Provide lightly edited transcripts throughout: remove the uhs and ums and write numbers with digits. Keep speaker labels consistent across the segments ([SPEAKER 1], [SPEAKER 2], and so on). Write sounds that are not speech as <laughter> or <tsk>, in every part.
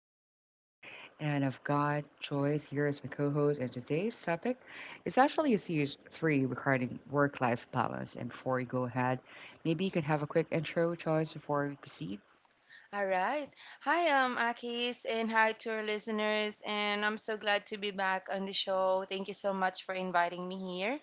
[SPEAKER 1] name is Akis and I've got Joyce here as my co-host and today's topic is actually a series three regarding work-life balance. And before we go ahead, maybe you can have a quick intro, Joyce, before we proceed.
[SPEAKER 2] All right. Hi, Akis, and hi to our listeners. And I'm so glad to be back on the show. Thank you so much for inviting me here.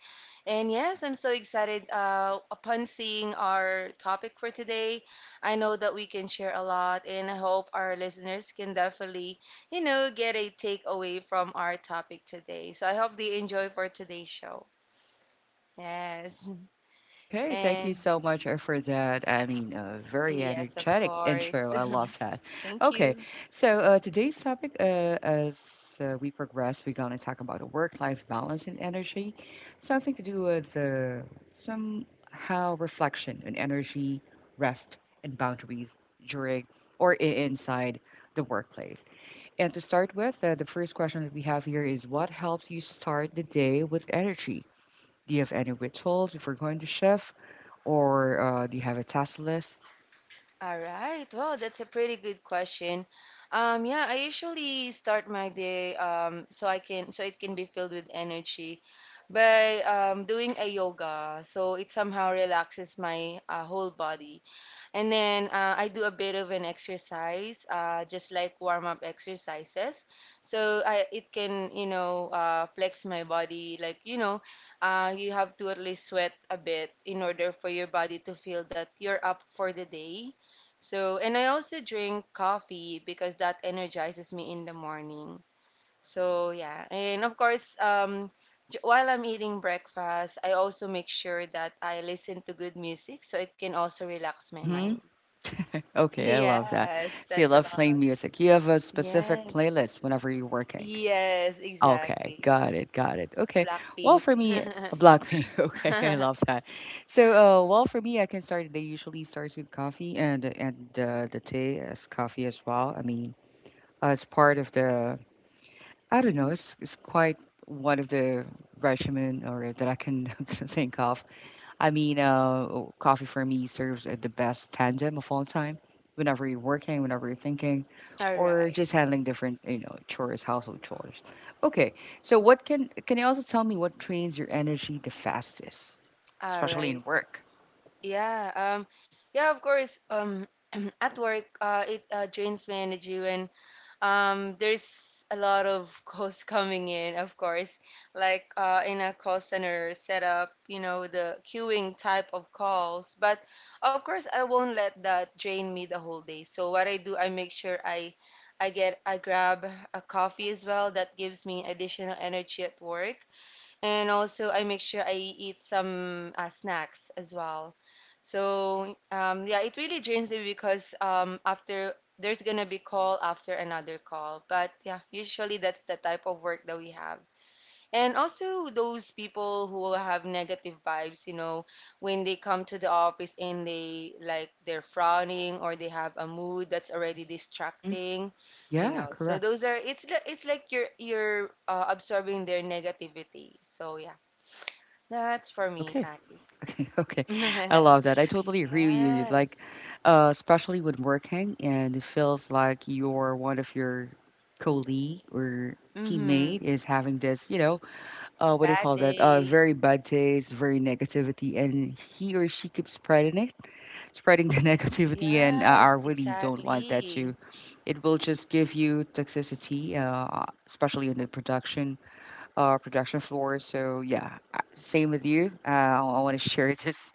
[SPEAKER 2] And yes, I'm so excited upon seeing our topic for today. I know that we can share a lot, and I hope our listeners can definitely, get a takeaway from our topic today. So I hope they enjoy for today's show. Yes.
[SPEAKER 1] Okay, thank you
[SPEAKER 2] And
[SPEAKER 1] so much for that. I mean, a very
[SPEAKER 2] yes, of
[SPEAKER 1] energetic <laughs>
[SPEAKER 2] course.
[SPEAKER 1] intro. I love that.
[SPEAKER 2] <laughs> Thank
[SPEAKER 1] Okay,
[SPEAKER 2] you.
[SPEAKER 1] so today's topic, as we progress, we're gonna talk about a work-life balance and energy, something to do with somehow reflection and energy, rest and boundaries during inside the workplace. And to start with, the first question that we have here is, what helps you start the day with energy? Do you have any rituals before going to shift, or do you have a task list?
[SPEAKER 2] All right. Well, that's a pretty good question. Yeah, I usually start my day so I can it can be filled with energy by doing a yoga. So it somehow relaxes my whole body. And then I do a bit of an exercise, just like warm up exercises. So I, it can, you know, flex my body. Like, you know, you have to at least sweat a bit in order for your body to feel that you're up for the day. So, and I also drink coffee because that energizes me in the morning. So, yeah. And of course, while I'm eating breakfast, I also make sure that I listen to good music so it can also relax my
[SPEAKER 1] Mm-hmm.
[SPEAKER 2] mind.
[SPEAKER 1] Okay, I love that.
[SPEAKER 2] Yes,
[SPEAKER 1] So you
[SPEAKER 2] that's a
[SPEAKER 1] love playing
[SPEAKER 2] lot.
[SPEAKER 1] music. You have a specific
[SPEAKER 2] Yes.
[SPEAKER 1] playlist whenever you're working.
[SPEAKER 2] Yes,
[SPEAKER 1] Okay,
[SPEAKER 2] exactly.
[SPEAKER 1] got it, got it. Okay. Well,
[SPEAKER 2] Blackpink.
[SPEAKER 1] for me,
[SPEAKER 2] <laughs>
[SPEAKER 1] Blackpink. <laughs> Okay, I
[SPEAKER 2] All
[SPEAKER 1] love that. So, well, for me, I can start. They usually starts with coffee and the tea is coffee as well. I mean, it's part of the. I don't know. It's quite one of the regimen or that I can <laughs> think of. I mean, coffee for me serves as the best tandem of all time. Whenever you're working, whenever you're thinking, or
[SPEAKER 2] right.
[SPEAKER 1] just handling different, you know, chores, household chores. Okay, so what can you also tell me what drains your energy the fastest,
[SPEAKER 2] All
[SPEAKER 1] especially in
[SPEAKER 2] right.
[SPEAKER 1] work?
[SPEAKER 2] Yeah. Um. Yeah. Of course. <clears throat> At work, it drains my energy when there's a lot of calls <laughs> coming in, of course, like in a call center setup, you know, the queuing type of calls. But of course, I won't let that drain me the whole day. So what I do, I make sure I grab a coffee as well. That gives me additional energy at work. And also, I make sure I eat some snacks as well. So, yeah, it really drains me because after there's gonna be call after another call. But yeah, usually that's the type of work that we have. And also those people who have negative vibes, you know, when they come to the office and they like they're frowning or they have a mood that's already
[SPEAKER 1] hmm
[SPEAKER 2] distracting, you
[SPEAKER 1] Yeah,
[SPEAKER 2] know. So
[SPEAKER 1] correct.
[SPEAKER 2] those are it's like you're absorbing their negativity. So yeah. That's for me,
[SPEAKER 1] Okay. <laughs>
[SPEAKER 2] Akis.
[SPEAKER 1] Okay. Okay. I
[SPEAKER 2] <laughs>
[SPEAKER 1] love that. I totally agree with you. Like,
[SPEAKER 2] Yes.
[SPEAKER 1] especially when working and it feels like your one of your colleague or
[SPEAKER 2] Mm-hmm.
[SPEAKER 1] teammate is having this, you know, what do you
[SPEAKER 2] Bad
[SPEAKER 1] call that,
[SPEAKER 2] day.
[SPEAKER 1] very bad taste, very negativity, and he or she keeps spreading the <laughs> negativity, and I
[SPEAKER 2] Yes,
[SPEAKER 1] really don't want that to
[SPEAKER 2] exactly.
[SPEAKER 1] It will just give you toxicity, especially in the production floor. So yeah, same with you. I want to share <laughs> this,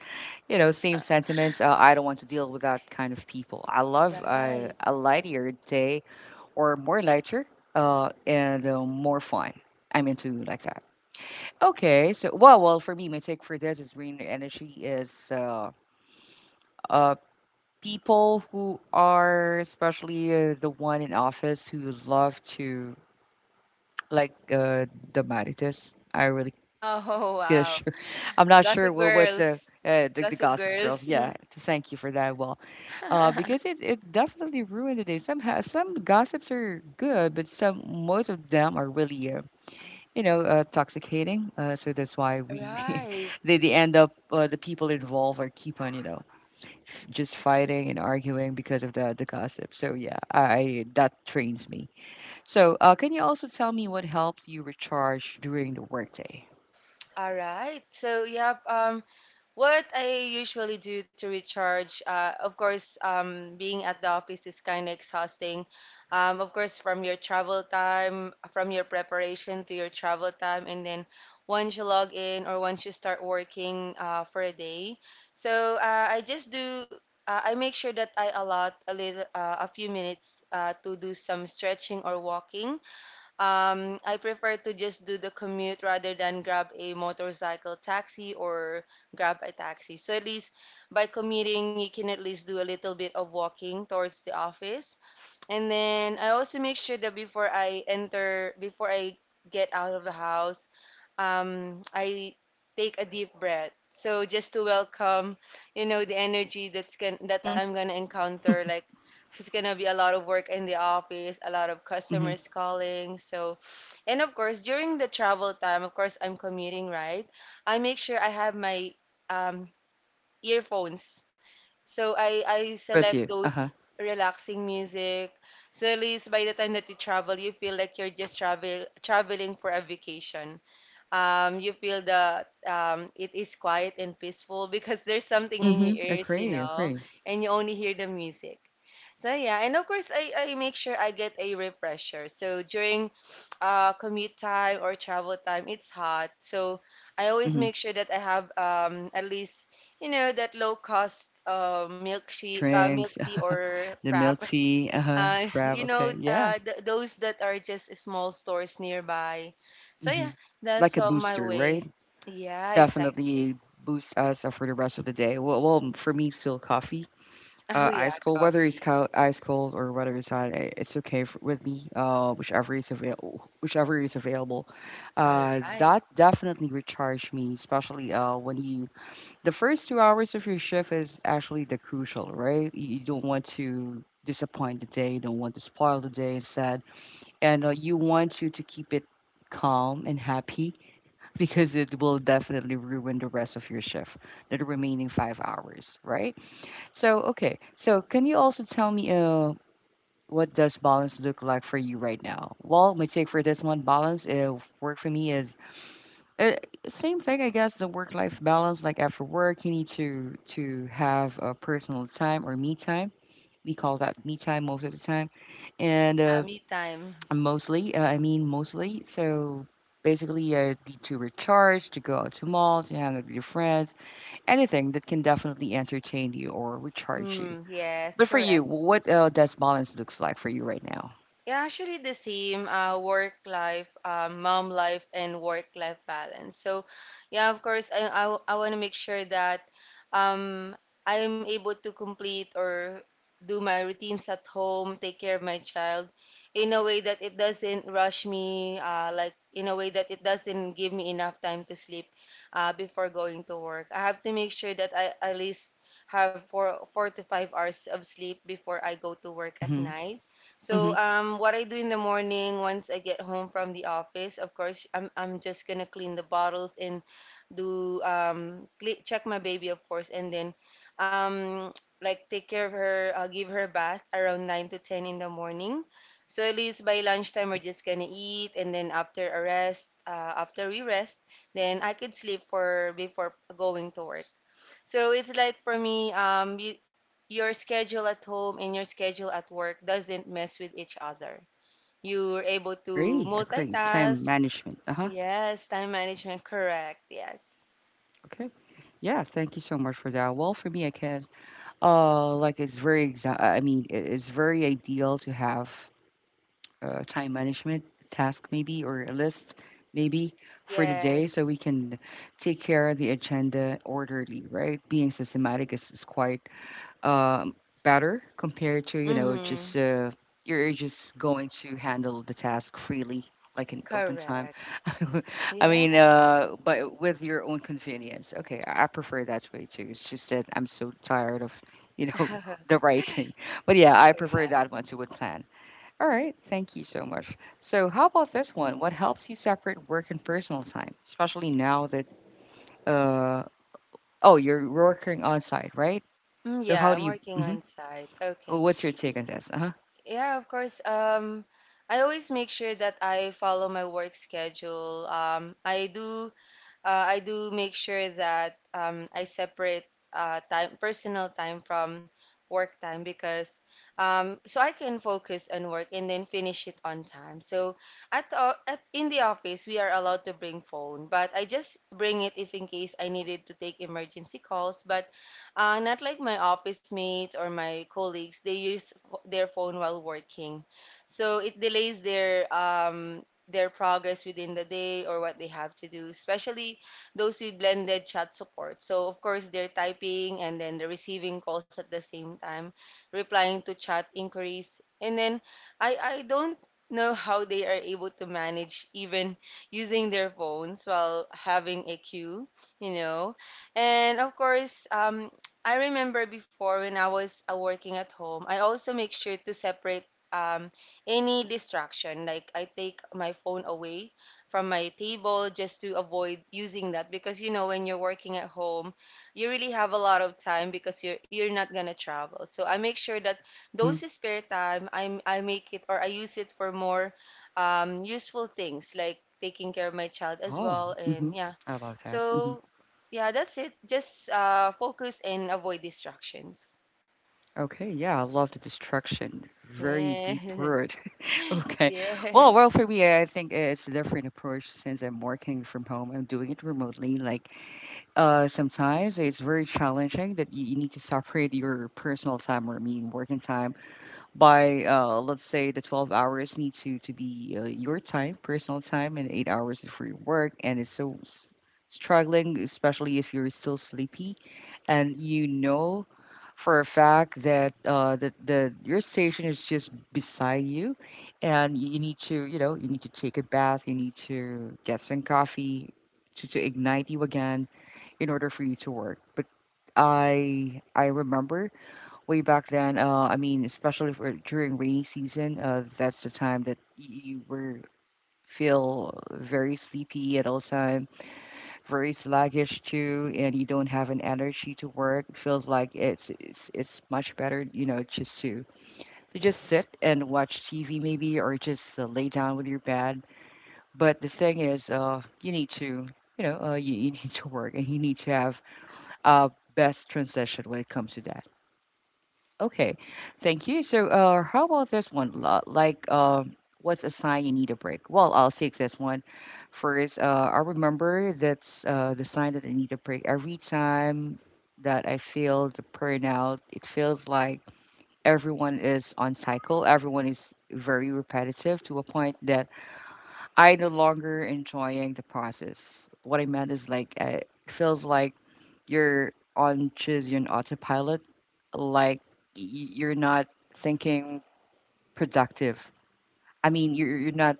[SPEAKER 1] you know, same sentiments. I don't want to deal with that kind of people. I love
[SPEAKER 2] Right.
[SPEAKER 1] a lighter day or more lighter and more fun. I'm into like that. Okay, so well, for me, my take for this is green energy is uh, people who are, especially the one in office who love to like dramatitis. I really
[SPEAKER 2] Oh, <laughs>
[SPEAKER 1] feel
[SPEAKER 2] wow.
[SPEAKER 1] sure. <laughs> I'm not sure
[SPEAKER 2] Gossip
[SPEAKER 1] what what's uh,
[SPEAKER 2] Girls.
[SPEAKER 1] uh, the
[SPEAKER 2] Gossip
[SPEAKER 1] Gossip Girls.
[SPEAKER 2] Girls. <laughs>
[SPEAKER 1] Yeah, thank you for that. Well, because it definitely ruined the day. Somehow, some gossips are good, but some most of them are really, you know, toxicating. So that's why we, <laughs> we
[SPEAKER 2] Right.
[SPEAKER 1] they end up, the people involved are keep on, you know, just fighting and arguing because of the gossip. So yeah, I that trains me. So can you also tell me what helps you recharge during the workday?
[SPEAKER 2] All right. So, yeah. What I usually do to recharge, of course, being at the office is kind of exhausting. Of course, from your travel time, from your preparation to your travel time, and then once you log in or once you start working for a day. So I just do, I make sure that I allot a little, a few minutes to do some stretching or walking, I prefer to just do the commute rather than grab a motorcycle taxi or grab a taxi. So at least by commuting, you can at least do a little bit of walking towards the office. And then I also make sure that before I enter, before I get out of the house, I take a deep breath. So just to welcome, you know, the energy that's going that
[SPEAKER 1] Mm-hmm.
[SPEAKER 2] I'm gonna encounter. Like it's gonna be a lot of work in the office, a lot of
[SPEAKER 1] Mm-hmm.
[SPEAKER 2] customers calling. So, and of course during the travel time, of course I'm commuting, right? I make sure I have my um, earphones so I
[SPEAKER 1] With
[SPEAKER 2] select
[SPEAKER 1] you.
[SPEAKER 2] those
[SPEAKER 1] Uh-huh.
[SPEAKER 2] relaxing music. So at least by the time that you travel, you feel like you're just traveling for a vacation. You feel that it is quiet and peaceful <laughs> because there's something in your
[SPEAKER 1] Mm-hmm.
[SPEAKER 2] ears, you
[SPEAKER 1] Agree.
[SPEAKER 2] know,
[SPEAKER 1] Agree.
[SPEAKER 2] and you only hear the music. So yeah, and of course I make sure I get a refresher. So during commute time or travel time, it's hot. So I always
[SPEAKER 1] Mm-hmm.
[SPEAKER 2] make sure that I have at least, you know, that low cost milk
[SPEAKER 1] Drinks,
[SPEAKER 2] tea or
[SPEAKER 1] <laughs> the
[SPEAKER 2] frap.
[SPEAKER 1] milk
[SPEAKER 2] <laughs>
[SPEAKER 1] tea. Uh-huh. Frab.
[SPEAKER 2] You know,
[SPEAKER 1] Okay. Yeah.
[SPEAKER 2] th those that are just small stores nearby. So
[SPEAKER 1] Mm-hmm.
[SPEAKER 2] yeah, that's
[SPEAKER 1] Like a
[SPEAKER 2] all my
[SPEAKER 1] booster, right?
[SPEAKER 2] way. Yeah,
[SPEAKER 1] Definitely
[SPEAKER 2] exactly.
[SPEAKER 1] boosts us for the rest of the day. Well, for me, still coffee,
[SPEAKER 2] <laughs> Oh yeah,
[SPEAKER 1] ice cold, whether it's
[SPEAKER 2] coffee.
[SPEAKER 1] cold, ice cold or whether it's hot, it's okay for, with me. Whichever is available,
[SPEAKER 2] All right.
[SPEAKER 1] that definitely recharge me, especially when you the first 2 hours of your shift is actually the crucial, right? You don't want to disappoint the day, you don't want to spoil the day instead, and you want to keep it calm and happy because it will definitely ruin the rest of your shift, the remaining 5 hours, right? So, okay. So, can you also tell me what does balance look like for you right now? Well, my take for this one, balance work for me is uh, same thing, I guess. The work-life balance, like after work, you need to have a personal time or me time. We call that me time most of the time, and
[SPEAKER 2] Yeah, me time.
[SPEAKER 1] mostly, I mean mostly. So basically, need to recharge, to go out to mall, to hang out with your friends, anything that can definitely entertain you or recharge you.
[SPEAKER 2] Mm, yes,
[SPEAKER 1] But for you,
[SPEAKER 2] correct.
[SPEAKER 1] what does balance looks like for you right now?
[SPEAKER 2] Yeah, actually the same work life, mom life, and work life balance. So, yeah, of course, I want to make sure that um, I'm able to complete or do my routines at home, take care of my child in a way that it doesn't rush me, like in a way that it doesn't give me enough time to sleep before going to work. I have to make sure that I at least have four, 4 to 5 hours of sleep before I go to work at
[SPEAKER 1] Mm-hmm.
[SPEAKER 2] night.
[SPEAKER 1] Mm-hmm.
[SPEAKER 2] So, what I do in the morning once I get home from the office, of course, I'm just gonna clean the bottles and do cle check my baby, of course, and then um, like take care of her, give her a bath around 9 to 10 in the morning. So at least by lunchtime
[SPEAKER 1] Mm-hmm.
[SPEAKER 2] we're just gonna eat, and then after a rest, after we rest, then I could sleep for before going to work. So it's like for me, your schedule at home and your schedule at work doesn't mess with each other. You're able to
[SPEAKER 1] Agree. Agree. Time
[SPEAKER 2] multitask.
[SPEAKER 1] management. Uh huh.
[SPEAKER 2] Yes, time management, correct. Yes.
[SPEAKER 1] Okay. Yeah. Thank you so much for that. Well, for me, I guess, like it's very it- it's very ideal to have time management task maybe or a list maybe for the day so we
[SPEAKER 2] Yes.
[SPEAKER 1] can take care of the agenda orderly, right? Being systematic is quite, um, better compared to, you know,
[SPEAKER 2] Mm-hmm.
[SPEAKER 1] just you're just going to handle the task freely like in open time.
[SPEAKER 2] Correct.
[SPEAKER 1] <laughs> I mean,
[SPEAKER 2] Yes.
[SPEAKER 1] but with your own convenience. Okay, I prefer that way too. It's just that I'm so tired of, you know, <laughs> the writing, but yeah, I
[SPEAKER 2] All
[SPEAKER 1] prefer
[SPEAKER 2] right.
[SPEAKER 1] that one to would plan. All right, thank you so much. So, how about this one? What helps you separate work and personal time, especially now that uh oh, you're working on site, right?
[SPEAKER 2] Mm,
[SPEAKER 1] So,
[SPEAKER 2] yeah,
[SPEAKER 1] how
[SPEAKER 2] I'm
[SPEAKER 1] do you?
[SPEAKER 2] working on site. Okay.
[SPEAKER 1] What's your take on this? Uh huh.
[SPEAKER 2] Yeah, of course. I always make sure that I follow my work schedule. I do make sure that I separate time, personal time from work time because so I can focus on work and then finish it on time. So at in the office we are allowed to bring phone, but I just bring it if in case I needed to take emergency calls. But not like my office mates or my colleagues, they use their phone while working, so it delays their progress within the day or what they have to do, especially those with blended chat support. So, of course, they're typing and then they're receiving calls at the same time, replying to chat inquiries. And then I don't know how they are able to manage even using their phones while having a queue, you know. And of course, I remember before when I was working at home, I also make sure to separate um, any distraction. Like I take my phone away from my table just to avoid using that, because you know when you're working at home you really have a lot of time because you're not gonna travel, so I make sure that
[SPEAKER 1] hmm
[SPEAKER 2] those spare time I make it or I use it for more useful things like taking care of my child as
[SPEAKER 1] Oh,
[SPEAKER 2] well.
[SPEAKER 1] hmm
[SPEAKER 2] And yeah,
[SPEAKER 1] I love that.
[SPEAKER 2] so yeah, that's it, just focus and avoid distractions.
[SPEAKER 1] Okay, yeah, I love the destruction. Very deep
[SPEAKER 2] Yeah.
[SPEAKER 1] word. <laughs>
[SPEAKER 2] <laughs>
[SPEAKER 1] Okay, well,
[SPEAKER 2] Yes.
[SPEAKER 1] well, for me, I think it's a different approach since I'm working from home. I'm doing it remotely, like sometimes it's very challenging that you need to separate your personal time, or I mean working time by, let's say, the 12 hours need to be your time, personal time, and 8 hours for your work, and it's so struggling, especially if you're still sleepy and you know for a fact that the your station is just beside you, and you need to, you know, you need to take a bath, you need to get some coffee to ignite you again in order for you to work. But I remember way back then. I mean, especially for during rainy season, that's the time that you were feel very sleepy at all time, very sluggish too, and you don't have an energy to work. Feels like it's much better, you know, just to just sit and watch TV maybe, or just lay down with your bed. But the thing is, you need to. You know, you need to work and you need to have uh, best transition when it comes to that. Okay, thank you. So, how about this one? Like, what's a sign you need a break? Well, I'll take this one first. I remember that's the sign that I need a break every time that I feel the burnout. It feels like everyone is on cycle. Everyone is very repetitive to a point that I no longer enjoying the process. What I meant is like, it feels like you're on choose your own autopilot, like y- you're not thinking productive. I mean, you're not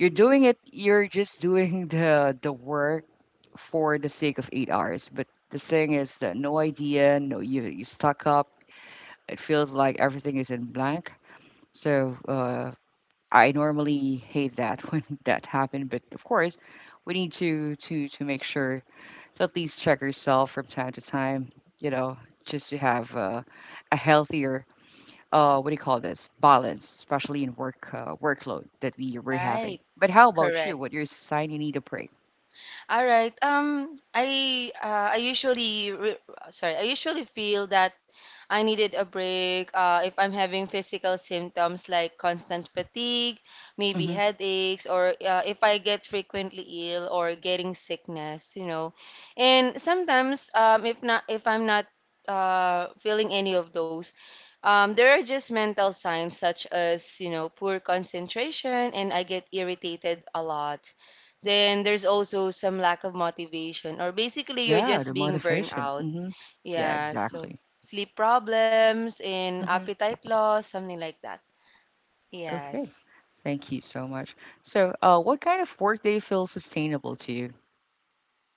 [SPEAKER 1] you're doing it. You're just doing <laughs> the work for the sake of 8 hours. But the thing is that no idea, no, you stuck up. It feels like everything is in blank. So I normally hate that <laughs> when that happened, but of course, we need to make sure to at least check yourself from time to time. You know, just to have a healthier, what do you call this, balance, especially in work, workload that we're having.
[SPEAKER 2] Right.
[SPEAKER 1] But how about you?
[SPEAKER 2] Correct.
[SPEAKER 1] What you're saying, you need a break.
[SPEAKER 2] All right. I usually sorry, I usually feel that I needed a break if I'm having physical symptoms like constant fatigue, maybe
[SPEAKER 1] hmm
[SPEAKER 2] headaches, or if I get frequently ill or getting sickness, you know. And sometimes if not, if I'm not feeling any of those, there are just mental signs such as, you know, poor concentration and I get irritated a lot, then there's also some lack of motivation, or basically you're
[SPEAKER 1] Yeah,
[SPEAKER 2] just
[SPEAKER 1] the
[SPEAKER 2] being burned
[SPEAKER 1] motivation.
[SPEAKER 2] out.
[SPEAKER 1] Yeah,
[SPEAKER 2] Yeah, so
[SPEAKER 1] exactly.
[SPEAKER 2] sleep problems and
[SPEAKER 1] hmm
[SPEAKER 2] appetite loss, something like that.
[SPEAKER 1] Okay.
[SPEAKER 2] Yes.
[SPEAKER 1] Thank you so much. So, what kind of work day feels sustainable to you?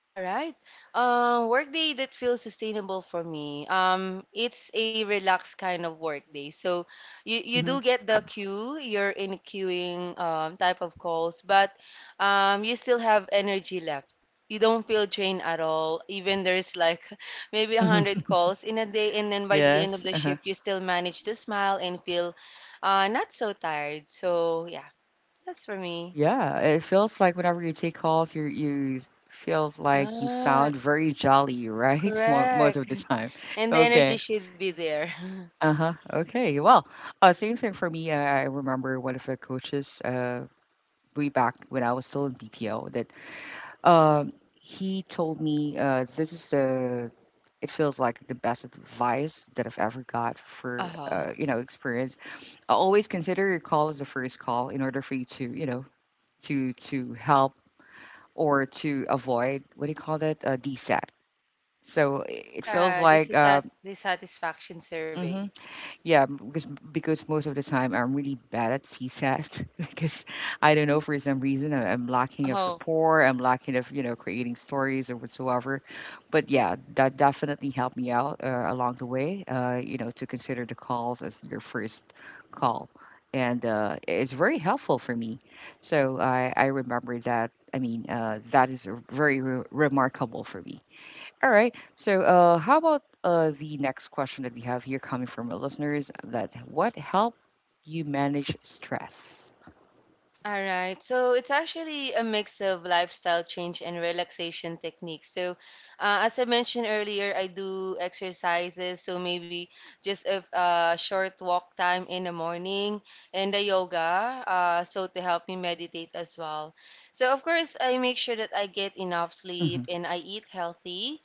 [SPEAKER 2] All right. Workday that feels sustainable for me. It's a relaxed kind of workday. So you do
[SPEAKER 1] hmm
[SPEAKER 2] get the queue. You're in queuing type of calls, but you still have energy left. You don't feel drained at all. Even there's like <laughs> maybe a
[SPEAKER 1] hmm
[SPEAKER 2] hundred calls in a day, and then by the end of
[SPEAKER 1] Yes.
[SPEAKER 2] the
[SPEAKER 1] Uh-huh.
[SPEAKER 2] shift, you still manage to smile and feel not so tired. So yeah, that's for me.
[SPEAKER 1] Yeah, it feels like whenever you take calls, you feels like you
[SPEAKER 2] Yeah,
[SPEAKER 1] sound very jolly, right? <laughs> More most of
[SPEAKER 2] correct.
[SPEAKER 1] the time.
[SPEAKER 2] And the energy
[SPEAKER 1] Okay.
[SPEAKER 2] should be there. <laughs>
[SPEAKER 1] Uh-huh. Okay. Well, same thing for me. I remember one of the coaches way back when I was still in BPO that he told me, this is the, it feels like, the best advice that I've ever got for,
[SPEAKER 2] Uh-huh.
[SPEAKER 1] you know, experience. Always consider your call as the first call in order for you to, you know, to help or to avoid what do you call that? A DSAT. So it feels
[SPEAKER 2] Yeah, the,
[SPEAKER 1] like
[SPEAKER 2] the satisfaction survey.
[SPEAKER 1] mhm. Yeah, because most of the time I'm really bad at CSAT <laughs> because I don't know for some reason I'm lacking of
[SPEAKER 2] Oh,
[SPEAKER 1] rapport, I'm lacking of creating stories or whatsoever. But yeah, that definitely helped me out along the way. To consider the calls as your first call, and it's very helpful for me. So I remember that. I mean, that is very remarkable for me. All right. So, how about the next question that we have here coming from our listeners? That what help you manage stress?
[SPEAKER 2] all right, so it's actually a mix of lifestyle change and relaxation techniques. So, as I mentioned earlier, I do exercises, so maybe just a short walk time in the morning and the yoga, so to help me meditate as well. So, of course, I make sure that I get enough sleep
[SPEAKER 1] Hmm
[SPEAKER 2] and I eat healthy.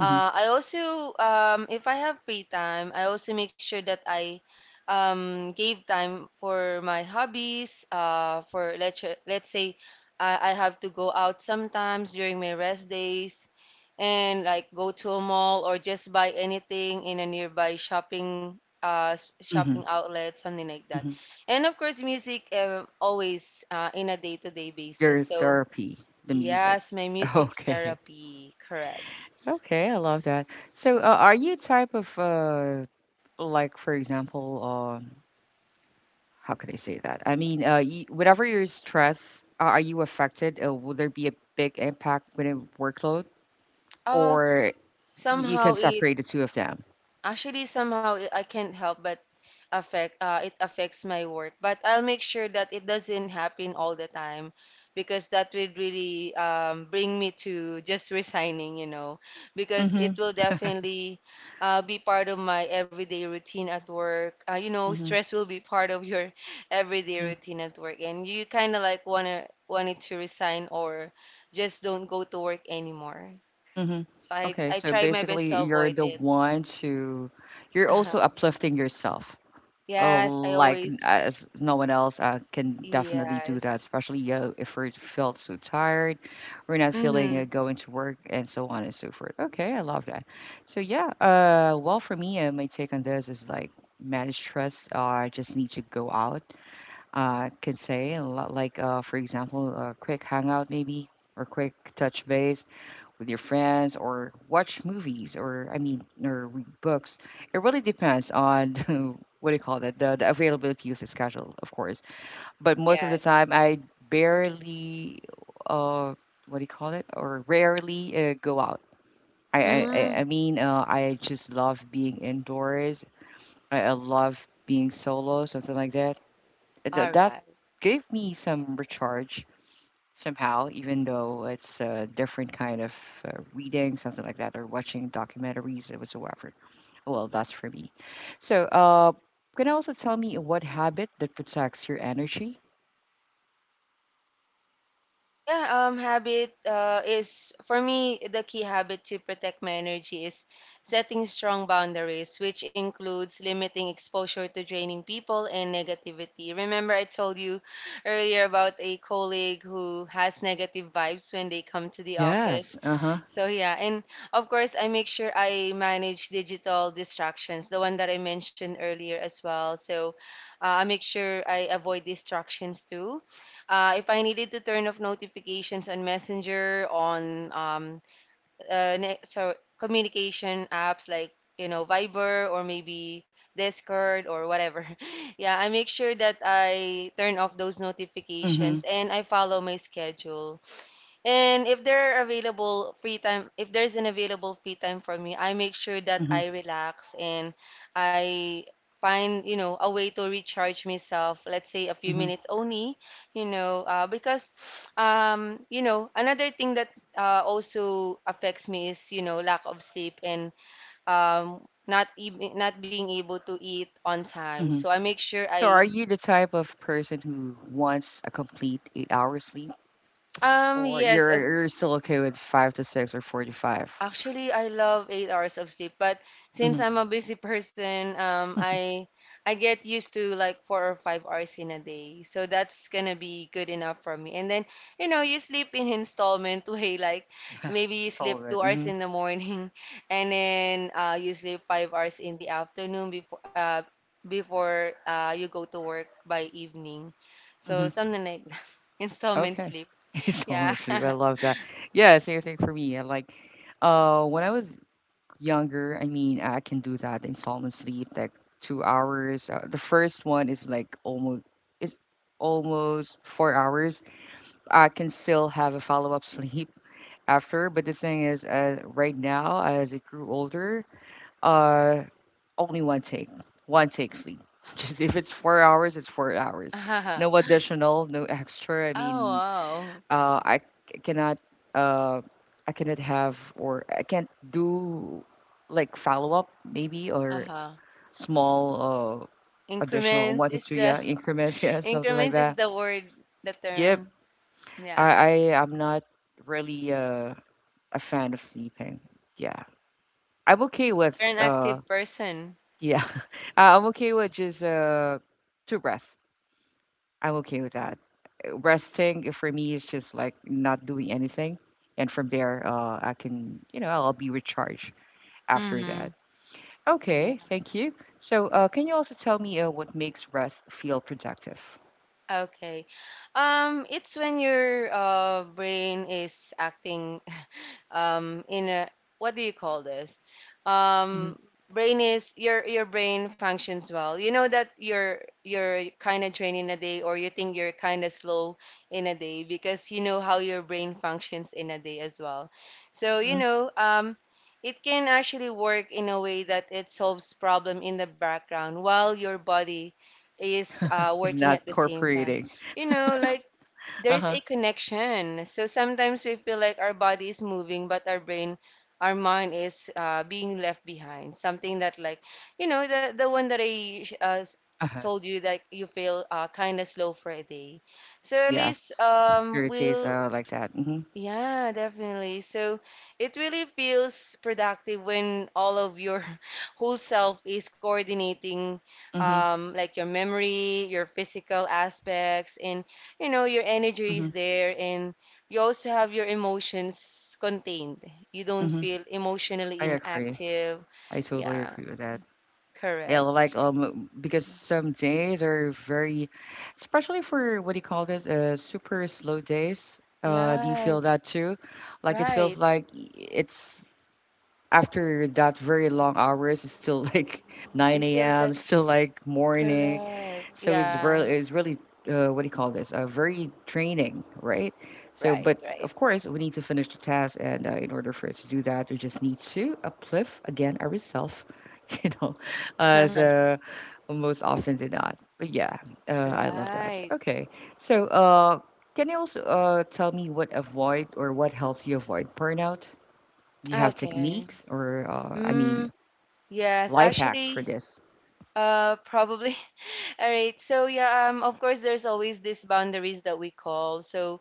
[SPEAKER 2] I also, if I have free time, I also make sure that I gave time for my hobbies. For let's say I have to go out sometimes during my rest days, and like go to a mall or just buy anything in a nearby shopping shopping
[SPEAKER 1] hmm
[SPEAKER 2] outlet, something like that.
[SPEAKER 1] hmm
[SPEAKER 2] And of course, music always in a day-to-day basis.
[SPEAKER 1] Your
[SPEAKER 2] So
[SPEAKER 1] therapy, the music.
[SPEAKER 2] yes, my
[SPEAKER 1] <laughs>
[SPEAKER 2] music
[SPEAKER 1] Okay.
[SPEAKER 2] therapy, correct.
[SPEAKER 1] Okay, I love that. So, are you a type of like, for example, how could I say that? I mean, you, whenever you're stressed, are you affected? Will there be a big impact within workload, or you can
[SPEAKER 2] Somehow it
[SPEAKER 1] separate the two of them?
[SPEAKER 2] Actually I can't help but affect it affects my work, but I'll make sure that it doesn't happen all the time, because that would really bring me to just resigning, you know, because it will definitely be part of my everyday routine at work. You know,
[SPEAKER 1] Mhm,
[SPEAKER 2] stress will be part of your <laughs> everyday
[SPEAKER 1] mhm,
[SPEAKER 2] routine at work, and you kind of like wanna wanted to resign or just don't go to work anymore.
[SPEAKER 1] mhm.
[SPEAKER 2] So I,
[SPEAKER 1] Okay,
[SPEAKER 2] I
[SPEAKER 1] so
[SPEAKER 2] try my best
[SPEAKER 1] basically
[SPEAKER 2] to
[SPEAKER 1] you're
[SPEAKER 2] avoid
[SPEAKER 1] the
[SPEAKER 2] it.
[SPEAKER 1] one to you're also
[SPEAKER 2] Uh-huh.
[SPEAKER 1] uplifting yourself.
[SPEAKER 2] Yes, I
[SPEAKER 1] Like
[SPEAKER 2] always.
[SPEAKER 1] as no one else can definitely do that,
[SPEAKER 2] Yes.
[SPEAKER 1] especially if we felt so tired, we're not feeling
[SPEAKER 2] Mm.
[SPEAKER 1] going to work and so on and so forth. Okay, I love that. So yeah, well for me, my take on this is like manage stress. I just need to go out. Can say a lot like for example, a quick hangout maybe or quick touch base with your friends or watch movies or I mean or read books. It really depends on <laughs> what do you call that the availability of the schedule, of course. But most of the
[SPEAKER 2] Yes.
[SPEAKER 1] time, I barely uh what do you call it or rarely go out. I
[SPEAKER 2] Mm.
[SPEAKER 1] mean I just love being indoors. I love being solo, something like that. Th-
[SPEAKER 2] All
[SPEAKER 1] that
[SPEAKER 2] right.
[SPEAKER 1] gave me some recharge somehow, even though it's a different kind of reading, something like that, or watching documentaries or whatsoever. Well, that's for me. So, can you also tell me what habit that protects your energy?
[SPEAKER 2] Yeah, habit is, for me, the key habit to protect my energy is setting strong boundaries, which includes limiting exposure to draining people and negativity. Remember, I told you earlier about a colleague who has negative vibes when they come to the office.
[SPEAKER 1] Yes. Uh huh.
[SPEAKER 2] So, yeah, and of course, I make sure I manage digital distractions, the one that I mentioned earlier as well. So, I make sure I avoid distractions too. If I needed to turn off notifications on Messenger, on uh, ne- so communication apps like, you know, Viber or maybe Discord or whatever, <laughs> yeah, I make sure that I turn off those notifications
[SPEAKER 1] Mhm.
[SPEAKER 2] and I follow my schedule. And if there are available free time, if there's an available free time for me, I make sure that
[SPEAKER 1] Mhm.
[SPEAKER 2] I relax, and I find, you know, a way to recharge myself, let's say a few
[SPEAKER 1] Mhm.
[SPEAKER 2] minutes only, you know. Because, you know, another thing that also affects me is, you know, lack of sleep and not being able to eat on time. So
[SPEAKER 1] Mhm.
[SPEAKER 2] I make sure
[SPEAKER 1] So,
[SPEAKER 2] I,
[SPEAKER 1] are you the type of person who wants a complete eight-hour sleep, or
[SPEAKER 2] yes,
[SPEAKER 1] you're
[SPEAKER 2] of
[SPEAKER 1] you're still okay with five to six or four to five?
[SPEAKER 2] Actually, I love 8 hours of sleep, but since
[SPEAKER 1] Mhm.
[SPEAKER 2] I'm a busy person, I get used to like 4 or 5 hours in a day. So that's gonna be good enough for me. And then, you know, you sleep in installment <laughs> way, like maybe you
[SPEAKER 1] It's
[SPEAKER 2] sleep
[SPEAKER 1] all good.
[SPEAKER 2] 2 hours
[SPEAKER 1] Mhm.
[SPEAKER 2] in the morning <laughs> and then you sleep 5 hours in the afternoon before you go to work by evening. So something like <laughs> that. Installment
[SPEAKER 1] Okay.
[SPEAKER 2] sleep.
[SPEAKER 1] <laughs> He's falling
[SPEAKER 2] Yeah.
[SPEAKER 1] asleep. I love that. Yeah, same thing for me. I like when I was younger, I mean I can do that installment sleep, like 2 hours. The first one is like almost it's almost 4 hours. I can still have a follow up sleep <laughs> after, but the thing is right now as I grew older, uh only one take. One take sleep. <laughs> Just if it's 4 hours, it's 4 hours. No
[SPEAKER 2] <laughs>
[SPEAKER 1] additional, no extra. I
[SPEAKER 2] Oh,
[SPEAKER 1] mean
[SPEAKER 2] wow.
[SPEAKER 1] I cannot uh, I cannot have or I can't do like follow up maybe or
[SPEAKER 2] Uh-huh.
[SPEAKER 1] small additional one
[SPEAKER 2] Increments
[SPEAKER 1] to
[SPEAKER 2] is
[SPEAKER 1] two
[SPEAKER 2] the
[SPEAKER 1] yeah increments <laughs> yeah something like
[SPEAKER 2] Increments is
[SPEAKER 1] that.
[SPEAKER 2] the word, the
[SPEAKER 1] Yep,
[SPEAKER 2] term. Yeah.
[SPEAKER 1] I am not really a fan of sleeping. Yeah, I'm okay with
[SPEAKER 2] You're an active person.
[SPEAKER 1] yeah <laughs> I'm okay with just to rest I'm okay with that. Resting for me is just like not doing anything, and from there, I can, you know, I'll be recharged after
[SPEAKER 2] Mm-hmm.
[SPEAKER 1] that. Okay,
[SPEAKER 2] Yeah.
[SPEAKER 1] thank you. So, can you also tell me what makes rest feel productive?
[SPEAKER 2] Okay. It's when your brain is acting in a, what do you call this? Um, brain is Your brain functions well. You know that you're kind of training a day, or you think you're kind of slow in a day, because you know how your brain functions in a day as well. So you
[SPEAKER 1] Mm-hmm.
[SPEAKER 2] know, it can actually work in a way that it solves problem in the background while your body is
[SPEAKER 1] It's
[SPEAKER 2] working at
[SPEAKER 1] not
[SPEAKER 2] the same time.
[SPEAKER 1] cooperating.
[SPEAKER 2] You know, like
[SPEAKER 1] Uh
[SPEAKER 2] there's
[SPEAKER 1] huh.
[SPEAKER 2] a connection. So sometimes we feel like our body is moving, but our brain, our mind is being left behind. Something that like, you know, the the one that I
[SPEAKER 1] Uh huh.
[SPEAKER 2] told you, that you feel kind of slow for a day. So at
[SPEAKER 1] Yes,
[SPEAKER 2] least
[SPEAKER 1] Thursdays uh,
[SPEAKER 2] we'll
[SPEAKER 1] like that. Mm-hmm.
[SPEAKER 2] yeah, definitely. So it really feels productive when all of your <laughs> whole self is coordinating,
[SPEAKER 1] Mm-hmm.
[SPEAKER 2] like your memory, your physical aspects, and, you know, your energy
[SPEAKER 1] Mm-hmm.
[SPEAKER 2] is there, and you also have your emotions contained. You don't
[SPEAKER 1] Mm-hmm.
[SPEAKER 2] feel
[SPEAKER 1] I
[SPEAKER 2] emotionally
[SPEAKER 1] agree.
[SPEAKER 2] inactive.
[SPEAKER 1] I totally
[SPEAKER 2] Yeah,
[SPEAKER 1] agree with that. Yeah,
[SPEAKER 2] correct.
[SPEAKER 1] like because some days are very, especially for what do you call this, super slow days. Do you feel
[SPEAKER 2] Yes,
[SPEAKER 1] that too? Like it feels
[SPEAKER 2] right.
[SPEAKER 1] like it's after that very long hours. It's still like <laughs>
[SPEAKER 2] You
[SPEAKER 1] nine
[SPEAKER 2] still like
[SPEAKER 1] a.m. Still like morning.
[SPEAKER 2] correct.
[SPEAKER 1] So
[SPEAKER 2] Yeah,
[SPEAKER 1] what do you call this? Very draining, right? So,
[SPEAKER 2] right,
[SPEAKER 1] but
[SPEAKER 2] right.
[SPEAKER 1] of course, we need to finish the task, and in order for it to do that, we just need to uplift again ourselves, <laughs> you know, as
[SPEAKER 2] <laughs>
[SPEAKER 1] most often did not. But yeah, I love that.
[SPEAKER 2] Right.
[SPEAKER 1] Okay, so can you also tell me what avoid or what helps you avoid burnout? Do you have
[SPEAKER 2] Okay.
[SPEAKER 1] techniques or, I mean,
[SPEAKER 2] Mm, yes,
[SPEAKER 1] life hacks for
[SPEAKER 2] actually,
[SPEAKER 1] this?
[SPEAKER 2] probably. <laughs> All right. So yeah, of course, there's always these boundaries that we call. So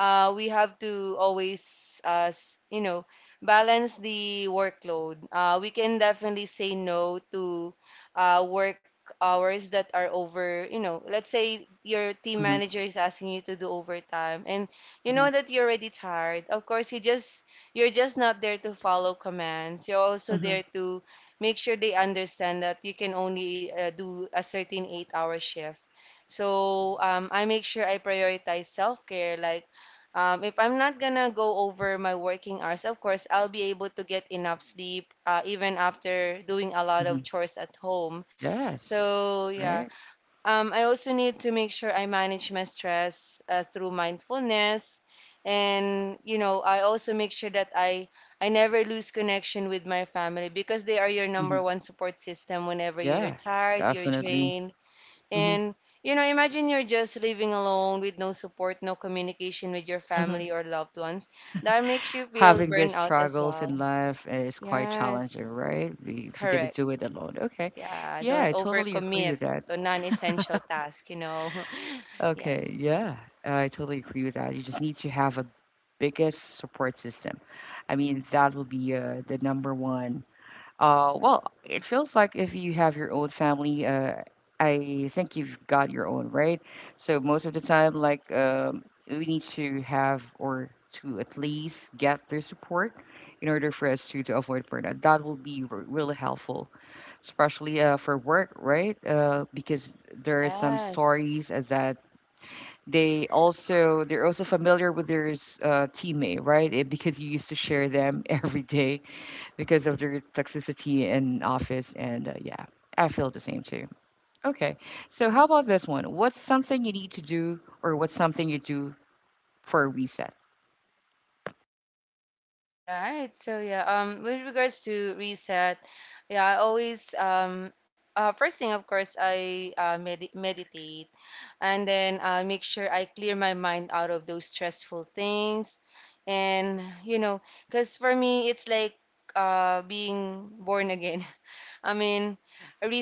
[SPEAKER 2] we have to always, you know, balance the workload. We can definitely say no to work hours that are over. You know, let's say your team
[SPEAKER 1] Hmm
[SPEAKER 2] manager is asking you to do overtime and you know that you're already tired. Of course, you just you're just not there to follow commands. You're also there
[SPEAKER 1] hmm
[SPEAKER 2] to make sure they understand that you can only do a certain 8-hour shift. So I make sure I prioritize self care. Like, if I'm not gonna go over my working hours, of course I'll be able to get enough sleep even after doing a lot of
[SPEAKER 1] hmm
[SPEAKER 2] chores at home.
[SPEAKER 1] Yes,
[SPEAKER 2] So yeah,
[SPEAKER 1] right?
[SPEAKER 2] I also need to make sure I manage my stress through mindfulness, and, you know, I also make sure that I never lose connection with my family, because they are your
[SPEAKER 1] Mhm.
[SPEAKER 2] number one support system whenever you're
[SPEAKER 1] Yeah,
[SPEAKER 2] tired, you're
[SPEAKER 1] definitely.
[SPEAKER 2] drained,
[SPEAKER 1] Mhm,
[SPEAKER 2] and, you know, imagine you're just living alone with no support, no communication with your
[SPEAKER 1] mhm.
[SPEAKER 2] family or loved ones. That makes you feel
[SPEAKER 1] Having these
[SPEAKER 2] burnout as
[SPEAKER 1] struggles in
[SPEAKER 2] well.
[SPEAKER 1] life is quite
[SPEAKER 2] Yes,
[SPEAKER 1] challenging, right? If you're gonna
[SPEAKER 2] correct.
[SPEAKER 1] do it alone, okay.
[SPEAKER 2] Yeah,
[SPEAKER 1] Yeah,
[SPEAKER 2] don't
[SPEAKER 1] I totally
[SPEAKER 2] overcommit
[SPEAKER 1] agree with that.
[SPEAKER 2] to non-essential tasks, you know. <laughs>
[SPEAKER 1] Okay,
[SPEAKER 2] Yes.
[SPEAKER 1] yeah, I totally agree with that. You just need to have a biggest support system. I mean, that will be the number one. Well, it feels like if you have your own family, I think you've got your own, right? So most of the time, like, we need to have or to at least get their support in order for us to avoid burnout. That will be really helpful, especially for work, right? Because there are some
[SPEAKER 2] Yes.
[SPEAKER 1] stories that they're also familiar with their teammate, right? Eh, because you used to share them <laughs> every day because of their toxicity in office and yeah, I feel the same too. Okay, so how about this one, what's something you need to do or what's something you do for a reset?
[SPEAKER 2] All right. So yeah, with regards to reset, yeah, I always first thing, of course, I meditate, and then I make sure I clear my mind out of those stressful things. And you know, because for me, it's like being born again. <laughs> I mean,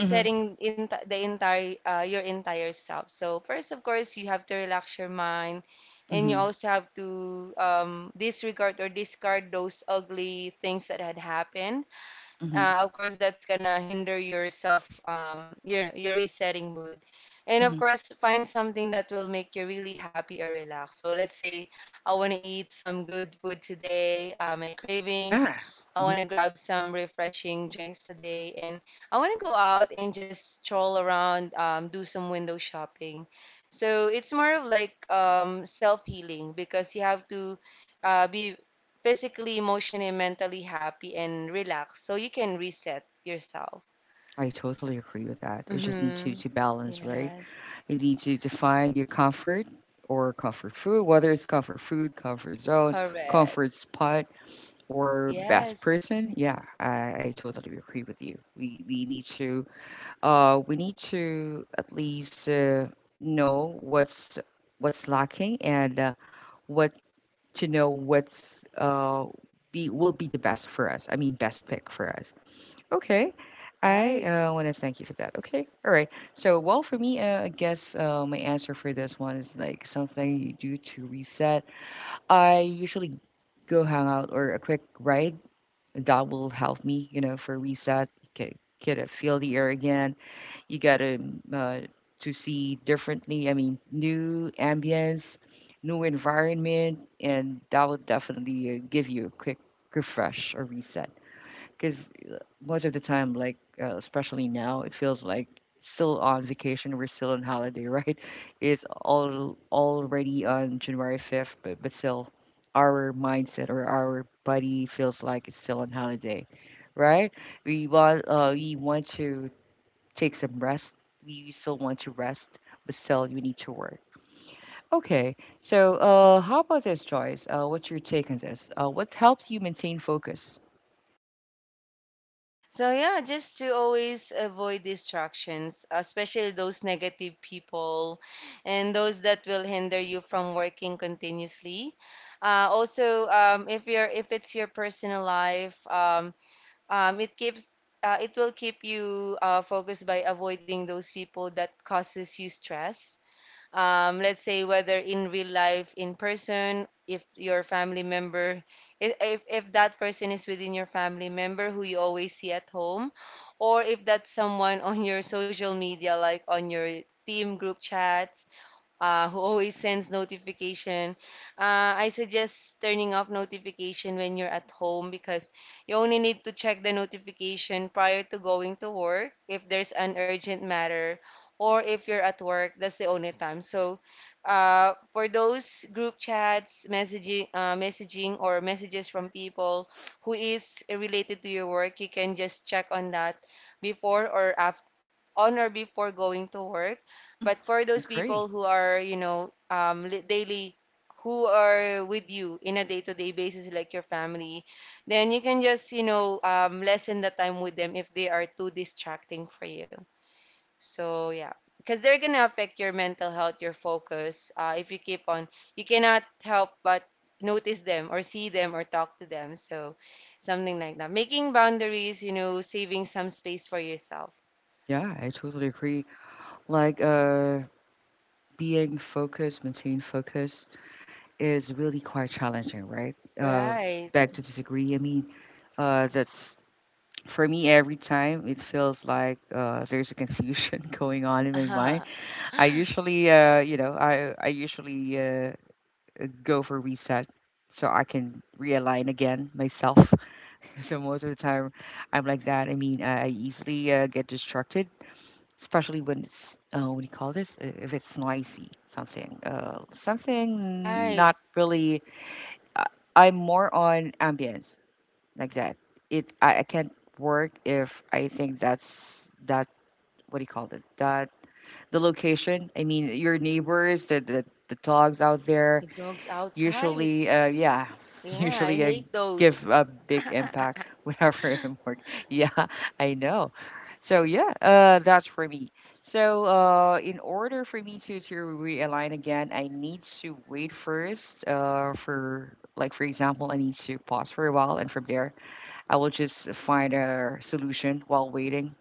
[SPEAKER 1] Hmm
[SPEAKER 2] in the entire your entire self. So first, of course, you have to relax your mind, and you
[SPEAKER 1] hmm
[SPEAKER 2] also have to disregard or discard those ugly things that had happened.
[SPEAKER 1] hmm
[SPEAKER 2] Of course, that's gonna hinder your self, your resetting mood, and of
[SPEAKER 1] hmm
[SPEAKER 2] course find something that will make you really happy or relaxed. So let's say I want to eat some good food today. My cravings,
[SPEAKER 1] yeah
[SPEAKER 2] I
[SPEAKER 1] Mhm.
[SPEAKER 2] want to grab some refreshing drinks today, and I want to go out and just stroll around, do some window shopping. So it's more of like, self-healing, because you have to be physically, emotionally, and mentally happy and relaxed so you can reset yourself.
[SPEAKER 1] I totally agree with that. You just need
[SPEAKER 2] Mm-hmm.
[SPEAKER 1] to balance, right?
[SPEAKER 2] Yes,
[SPEAKER 1] You need to define your comfort or comfort food, whether it's comfort food, comfort zone,
[SPEAKER 2] correct.
[SPEAKER 1] comfort spot, or best
[SPEAKER 2] Yes,
[SPEAKER 1] person. Yeah, I totally agree with you. We need to we need to at least know what's lacking and what to know what's be will be the best for us. I mean, best pick for us. Okay, I
[SPEAKER 2] right.
[SPEAKER 1] want to thank you for that. Okay, all right. So, well, for me, I guess my answer for this one is like something you do to reset. I usually go hang out or a quick ride. That will help me, you know, for reset. Okay, get a feel the air again you gotta uh, to see differently. I mean, new ambience, new environment, and that will definitely give you a quick refresh or reset. Because most of the time, like especially now, it feels like still on vacation. We're still on holiday, right? <laughs> It's all already on January 5th, but still, our mindset or our body feels like it's still on holiday, right? We want to take some rest. You still want to rest, but still you need to work. Okay, so how about this, Joyce? What's your take on this? What helps you maintain focus?
[SPEAKER 2] So, yeah, just to always avoid distractions, especially those negative people and those that will hinder you from working continuously. Also, if you're if it's your personal life, um, it keeps it will keep you focused by avoiding those people that causes you stress. Let's say, whether in real life, in person, if your family member if that person is within your family member who you always see at home, or if that's someone <laughs> on your social media, like on your team group chats, who always sends notification. I suggest turning off notification when you're at home, because you only need to check the notification prior to going to work if there's an urgent matter, or if you're at work. That's the only time. So for those group chats, messaging, messaging or messages from people who is related to your work, you can just check on that before or after, on or before going to work.
[SPEAKER 1] Hmm
[SPEAKER 2] But for those
[SPEAKER 1] Agree.
[SPEAKER 2] people who are, you know, daily, who are with you in a day-to-day basis, like your family, then you can just, you know, lessen the time with them if they are too distracting for you. So, yeah, because they're gonna affect your mental health, your focus. If you keep on, you cannot help but notice them or see them or talk to them. So, something like that. Making boundaries, you know, saving some space for yourself.
[SPEAKER 1] Yeah, I totally agree. Like, being focused, maintain focus is really quite challenging, right? Uh,
[SPEAKER 2] Right.
[SPEAKER 1] back to disagree. I mean, that's for me every time it feels like there's a confusion <laughs> going on in my mind.
[SPEAKER 2] <laughs>
[SPEAKER 1] I usually, you know, I usually go for reset so I can realign again myself. <laughs> So most of the time, I'm like that. I mean, I easily get distracted, especially when it's what do you call this? If it's noisy, something, something
[SPEAKER 2] Right.
[SPEAKER 1] not really. I, I'm more on ambience like that. It I can't work if I think that's that. What do you call it? That the location. I mean, your neighbors, the dogs out there.
[SPEAKER 2] The dogs outside.
[SPEAKER 1] Usually, yeah, <laughs>
[SPEAKER 2] Yeah, I
[SPEAKER 1] usually I
[SPEAKER 2] hate those.
[SPEAKER 1] give a big impact <laughs> whenever I'm working. <laughs> Yeah, I know. So yeah, that's for me. So in order for me to realign again, I need to wait first. For like for example, I need to pause for a while, and from there, I will just find a solution while waiting.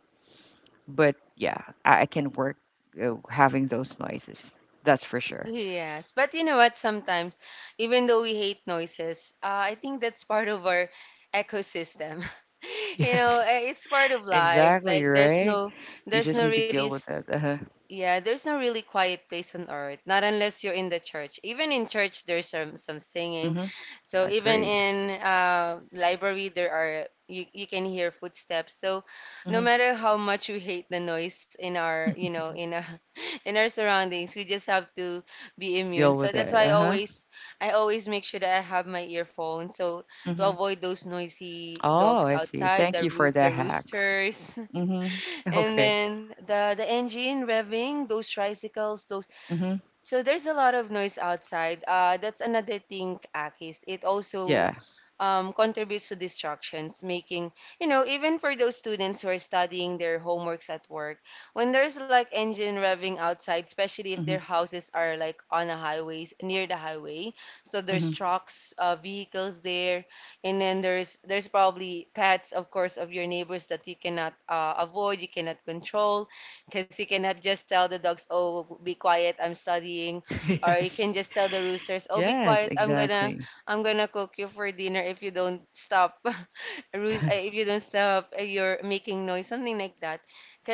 [SPEAKER 1] But yeah, I can work having those noises. That's for
[SPEAKER 2] <laughs>
[SPEAKER 1] sure.
[SPEAKER 2] Yes, but you know what? Sometimes, even though we hate noises, I think that's part of our ecosystem.
[SPEAKER 1] <laughs>
[SPEAKER 2] <laughs> You know,
[SPEAKER 1] Yes.
[SPEAKER 2] eh, it's part of life.
[SPEAKER 1] Exactly,
[SPEAKER 2] Like
[SPEAKER 1] right? You
[SPEAKER 2] there's
[SPEAKER 1] just
[SPEAKER 2] no
[SPEAKER 1] need to
[SPEAKER 2] really
[SPEAKER 1] deal with it. Uh-huh.
[SPEAKER 2] Yeah, there's no really quiet place on earth, not unless you're in the church. Even in church, there's some singing.
[SPEAKER 1] Mhm.
[SPEAKER 2] So even
[SPEAKER 1] Agree.
[SPEAKER 2] in library, there are you can hear footsteps. So no
[SPEAKER 1] Mhm.
[SPEAKER 2] matter how much we hate the noise in our, you know, in a, <laughs> in our surroundings, we just have to be immune.
[SPEAKER 1] Deal
[SPEAKER 2] So
[SPEAKER 1] with
[SPEAKER 2] that's
[SPEAKER 1] it.
[SPEAKER 2] why
[SPEAKER 1] Uh-huh.
[SPEAKER 2] I always make sure that I have my earphones, so to
[SPEAKER 1] Mhm.
[SPEAKER 2] avoid those noisy
[SPEAKER 1] Oh,
[SPEAKER 2] dogs
[SPEAKER 1] I see.
[SPEAKER 2] outside,
[SPEAKER 1] Thank
[SPEAKER 2] the
[SPEAKER 1] you for
[SPEAKER 2] roo
[SPEAKER 1] the
[SPEAKER 2] the
[SPEAKER 1] hacks.
[SPEAKER 2] roosters. <laughs>
[SPEAKER 1] Mhm. <laughs>
[SPEAKER 2] And
[SPEAKER 1] Okay.
[SPEAKER 2] then the engine revving, those tricycles, those.
[SPEAKER 1] Mhm.
[SPEAKER 2] So there's a lot of noise outside. That's another thing, Akis. It also
[SPEAKER 1] Yeah.
[SPEAKER 2] contributes to distractions, making, even for those students who are studying their homeworks at work, when there's like engine revving outside, especially if their
[SPEAKER 1] Mhm.
[SPEAKER 2] houses are like on a highways, near the highway, so there's
[SPEAKER 1] Mhm.
[SPEAKER 2] trucks, vehicles there, and then there's probably pets, of course, of your neighbors that you cannot avoid, you cannot control, because you cannot just tell the dogs, oh, be quiet, I'm studying,
[SPEAKER 1] <laughs>
[SPEAKER 2] or you
[SPEAKER 1] Yes.
[SPEAKER 2] can just tell the roosters, oh, be
[SPEAKER 1] Yes,
[SPEAKER 2] quiet, I'm gonna
[SPEAKER 1] exactly.
[SPEAKER 2] I'm gonna cook you for dinner if you don't stop, <laughs>
[SPEAKER 1] Yes.
[SPEAKER 2] if you don't stop, you're making noise, something like that.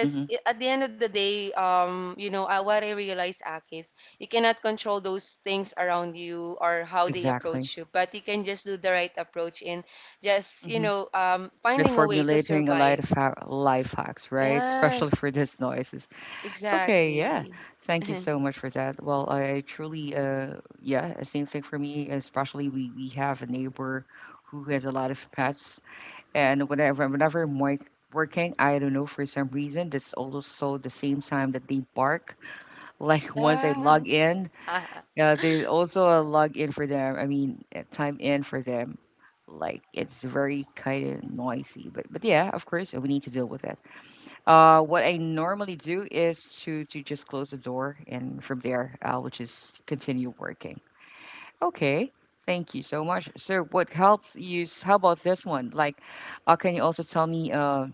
[SPEAKER 1] Mhm.
[SPEAKER 2] at the end of the day, what I realize, Aki, is you cannot control those things around you or how they
[SPEAKER 1] Exactly.
[SPEAKER 2] approach you, but you can just do the right approach in just,
[SPEAKER 1] Mhm. We're
[SPEAKER 2] finding a way to
[SPEAKER 1] formulating a lot
[SPEAKER 2] survive.
[SPEAKER 1] of life hacks, right? Especially
[SPEAKER 2] Yes,
[SPEAKER 1] for this noise. Okay, yeah.
[SPEAKER 2] exactly.
[SPEAKER 1] Thank you
[SPEAKER 2] <laughs>
[SPEAKER 1] so much for that. Well, I truly, yeah, same thing for me. Especially we have a neighbor who has a lot of pets, and whenever I'm working, I don't know for some reason, that's also the same time that they bark. Like <laughs> once I
[SPEAKER 2] Yeah.
[SPEAKER 1] log in,
[SPEAKER 2] <laughs>
[SPEAKER 1] there's also a log in for them. I mean, time in for them. Like it's very kind of noisy, but yeah, of course, we need to deal with it. What I normally do is to just close the door, and from there, I will just continue working. Okay, thank you so much. So, what helps you? How about this one? Can you also tell me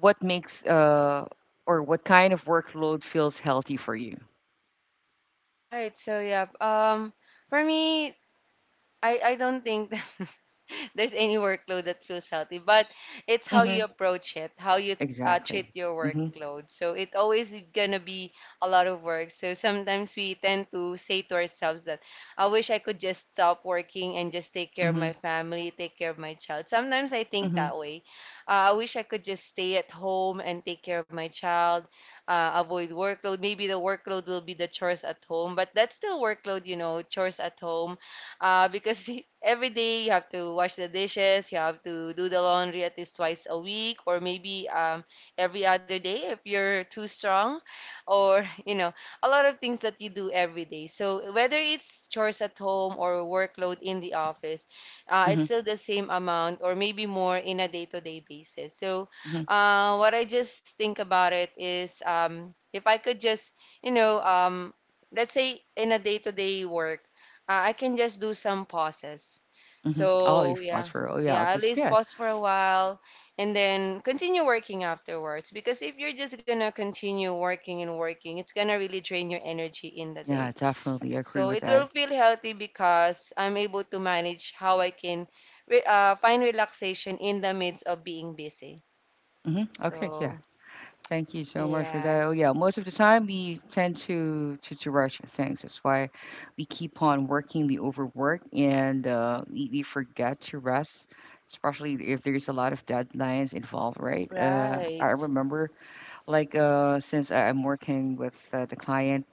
[SPEAKER 1] what makes or what kind of workload feels healthy for you?
[SPEAKER 2] Right. So yeah. For me, I don't think <laughs> there's any workload that feels healthy, but it's how you
[SPEAKER 1] Mm-hmm.
[SPEAKER 2] approach it, how you
[SPEAKER 1] Exactly.
[SPEAKER 2] treat your
[SPEAKER 1] Mm-hmm.
[SPEAKER 2] workload. So it always gonna be a lot of work. So sometimes we tend to say to ourselves that I wish I could just stop working and just take care of
[SPEAKER 1] Mm-hmm.
[SPEAKER 2] my family, take care of my child. Sometimes I think
[SPEAKER 1] Mm-hmm.
[SPEAKER 2] that way. I wish I could just stay at home and take care of my child, avoid workload. Maybe the workload will be the chores at home, but that's still workload, you know, chores at home because <laughs> every day you have to wash the dishes, you have to do the laundry at least twice a week, or maybe every other day if you're too strong, or <laughs> you know, a lot of things that you do every day. So whether it's chores at home or workload in the office, it's
[SPEAKER 1] Mm-hmm.
[SPEAKER 2] still the same amount or maybe more in a day-to-day basis. So
[SPEAKER 1] Mm-hmm.
[SPEAKER 2] what I just think about it is if I could just, you know, let's say in a day-to-day work. I can just do some pauses.
[SPEAKER 1] Mm-hmm. All your
[SPEAKER 2] So yeah,
[SPEAKER 1] thoughts were, oh yeah,
[SPEAKER 2] yeah, at
[SPEAKER 1] that's
[SPEAKER 2] least
[SPEAKER 1] good.
[SPEAKER 2] pause for a while and then continue working afterwards. Because if you're just gonna continue working and working, it's gonna really drain your energy in the
[SPEAKER 1] Yeah,
[SPEAKER 2] day.
[SPEAKER 1] definitely agree
[SPEAKER 2] So
[SPEAKER 1] with
[SPEAKER 2] it will
[SPEAKER 1] that.
[SPEAKER 2] feel healthy because I'm able to manage how I can re find relaxation in the midst of being busy.
[SPEAKER 1] Mm-hmm. Okay, yeah.
[SPEAKER 2] So
[SPEAKER 1] Thank you so much for that. Oh
[SPEAKER 2] yes,
[SPEAKER 1] yeah, most of the time we tend to rush things. That's why we keep on working, we overwork, and we forget to rest, especially if there's a lot of deadlines involved, right? I
[SPEAKER 2] right,
[SPEAKER 1] remember, since I'm working with the client,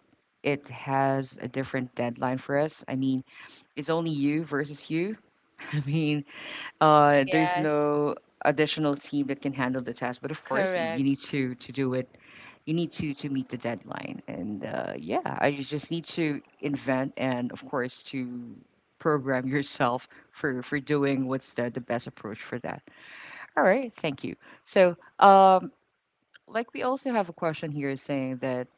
[SPEAKER 1] it has a different deadline for us. I mean, it's only you versus you. <laughs> I mean, there's
[SPEAKER 2] yes,
[SPEAKER 1] no additional team that can handle the task, but of course, you
[SPEAKER 2] correct.
[SPEAKER 1] need to do it. You need to meet the deadline, and yeah, I just need to invent and of course to program <laughs> yourself for doing what's the best approach for that. All right, thank you. So, um, like we also have a question here saying that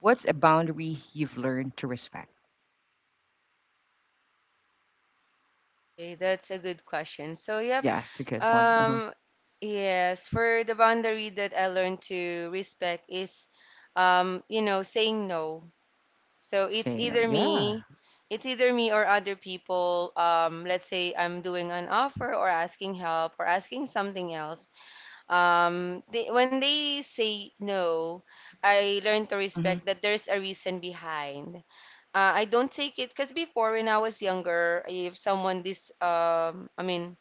[SPEAKER 1] what's a boundary you've learned to respect?
[SPEAKER 2] Okay, that's a good question. So, yep.
[SPEAKER 1] Yeah, it's a good one. Uh huh.
[SPEAKER 2] Um, yes, for the boundary that I learned to respect is, you know, saying no. So it's
[SPEAKER 1] Say no.
[SPEAKER 2] either
[SPEAKER 1] Yeah.
[SPEAKER 2] me, it's either me or other people. Let's say I'm doing an offer or asking help or asking something else. When they say no, I learned to respect
[SPEAKER 1] Mm-hmm,
[SPEAKER 2] that there's a reason behind. I don't take it because before when I was younger, if someone dis I mean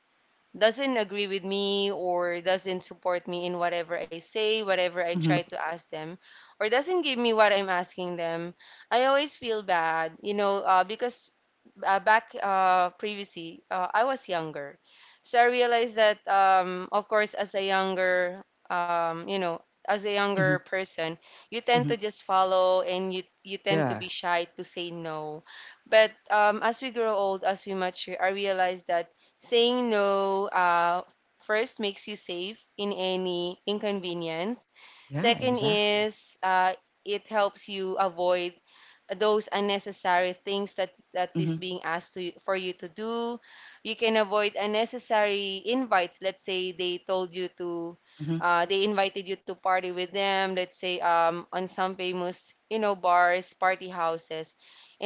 [SPEAKER 2] doesn't agree with me or doesn't support me in whatever I say, whatever I try
[SPEAKER 1] mm-hmm,
[SPEAKER 2] to ask them, or doesn't give me what I'm asking them, I always feel bad, you know, because back previously, I was younger. So I realized that, of course, as a younger, you know, as a younger
[SPEAKER 1] mm-hmm,
[SPEAKER 2] person, you tend
[SPEAKER 1] mm-hmm.
[SPEAKER 2] to just follow and you tend to
[SPEAKER 1] Yeah.
[SPEAKER 2] be shy to say no. But as we grow old, as we mature, I realized that saying no first makes you safe in any inconvenience.
[SPEAKER 1] Yeah,
[SPEAKER 2] Second
[SPEAKER 1] exactly.
[SPEAKER 2] is it helps you avoid those unnecessary things that is
[SPEAKER 1] Mhm,
[SPEAKER 2] being asked to, for you to do. You can avoid unnecessary invites. Let's say they told you to,
[SPEAKER 1] mhm,
[SPEAKER 2] they invited you to party with them. Let's say on some famous, you know, bars, party houses,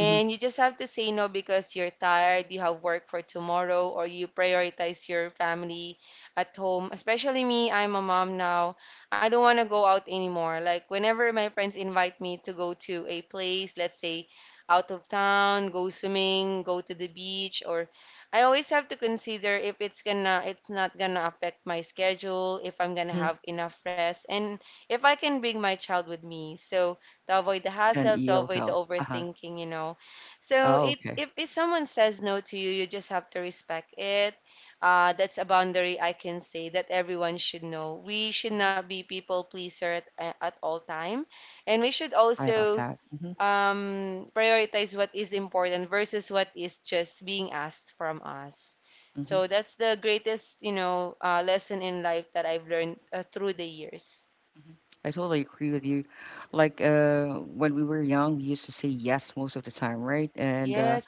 [SPEAKER 1] mhm,
[SPEAKER 2] you just have to say no because you're tired, you have work for tomorrow, or you prioritize your family at home. Especially me, I'm a mom now. I don't want to go out anymore. Like whenever my friends invite me to go to a place, let's say out of town, go swimming, go to the beach, or I always have to consider if it's not gonna affect my schedule, if I'm gonna
[SPEAKER 1] mhm,
[SPEAKER 2] have enough rest, and if I can bring my child with me. So to avoid the
[SPEAKER 1] and
[SPEAKER 2] hassle, to
[SPEAKER 1] you'll
[SPEAKER 2] avoid the
[SPEAKER 1] go, uh-huh,
[SPEAKER 2] overthinking, you know. So
[SPEAKER 1] oh,
[SPEAKER 2] it,
[SPEAKER 1] okay,
[SPEAKER 2] if someone says no to you, you just have to respect it. That's a boundary I can say that everyone should know. We should
[SPEAKER 1] mhm,
[SPEAKER 2] not be people pleaser at, at all time, and we should
[SPEAKER 1] I love
[SPEAKER 2] also
[SPEAKER 1] that, mhm,
[SPEAKER 2] prioritize what is important versus what is just being asked from us.
[SPEAKER 1] mhm,
[SPEAKER 2] So that's the greatest, lesson in life that I've learned through the years.
[SPEAKER 1] mhm, I totally agree with you, like, uh, when we were young, we used to say yes most of the time, right,
[SPEAKER 2] Yes,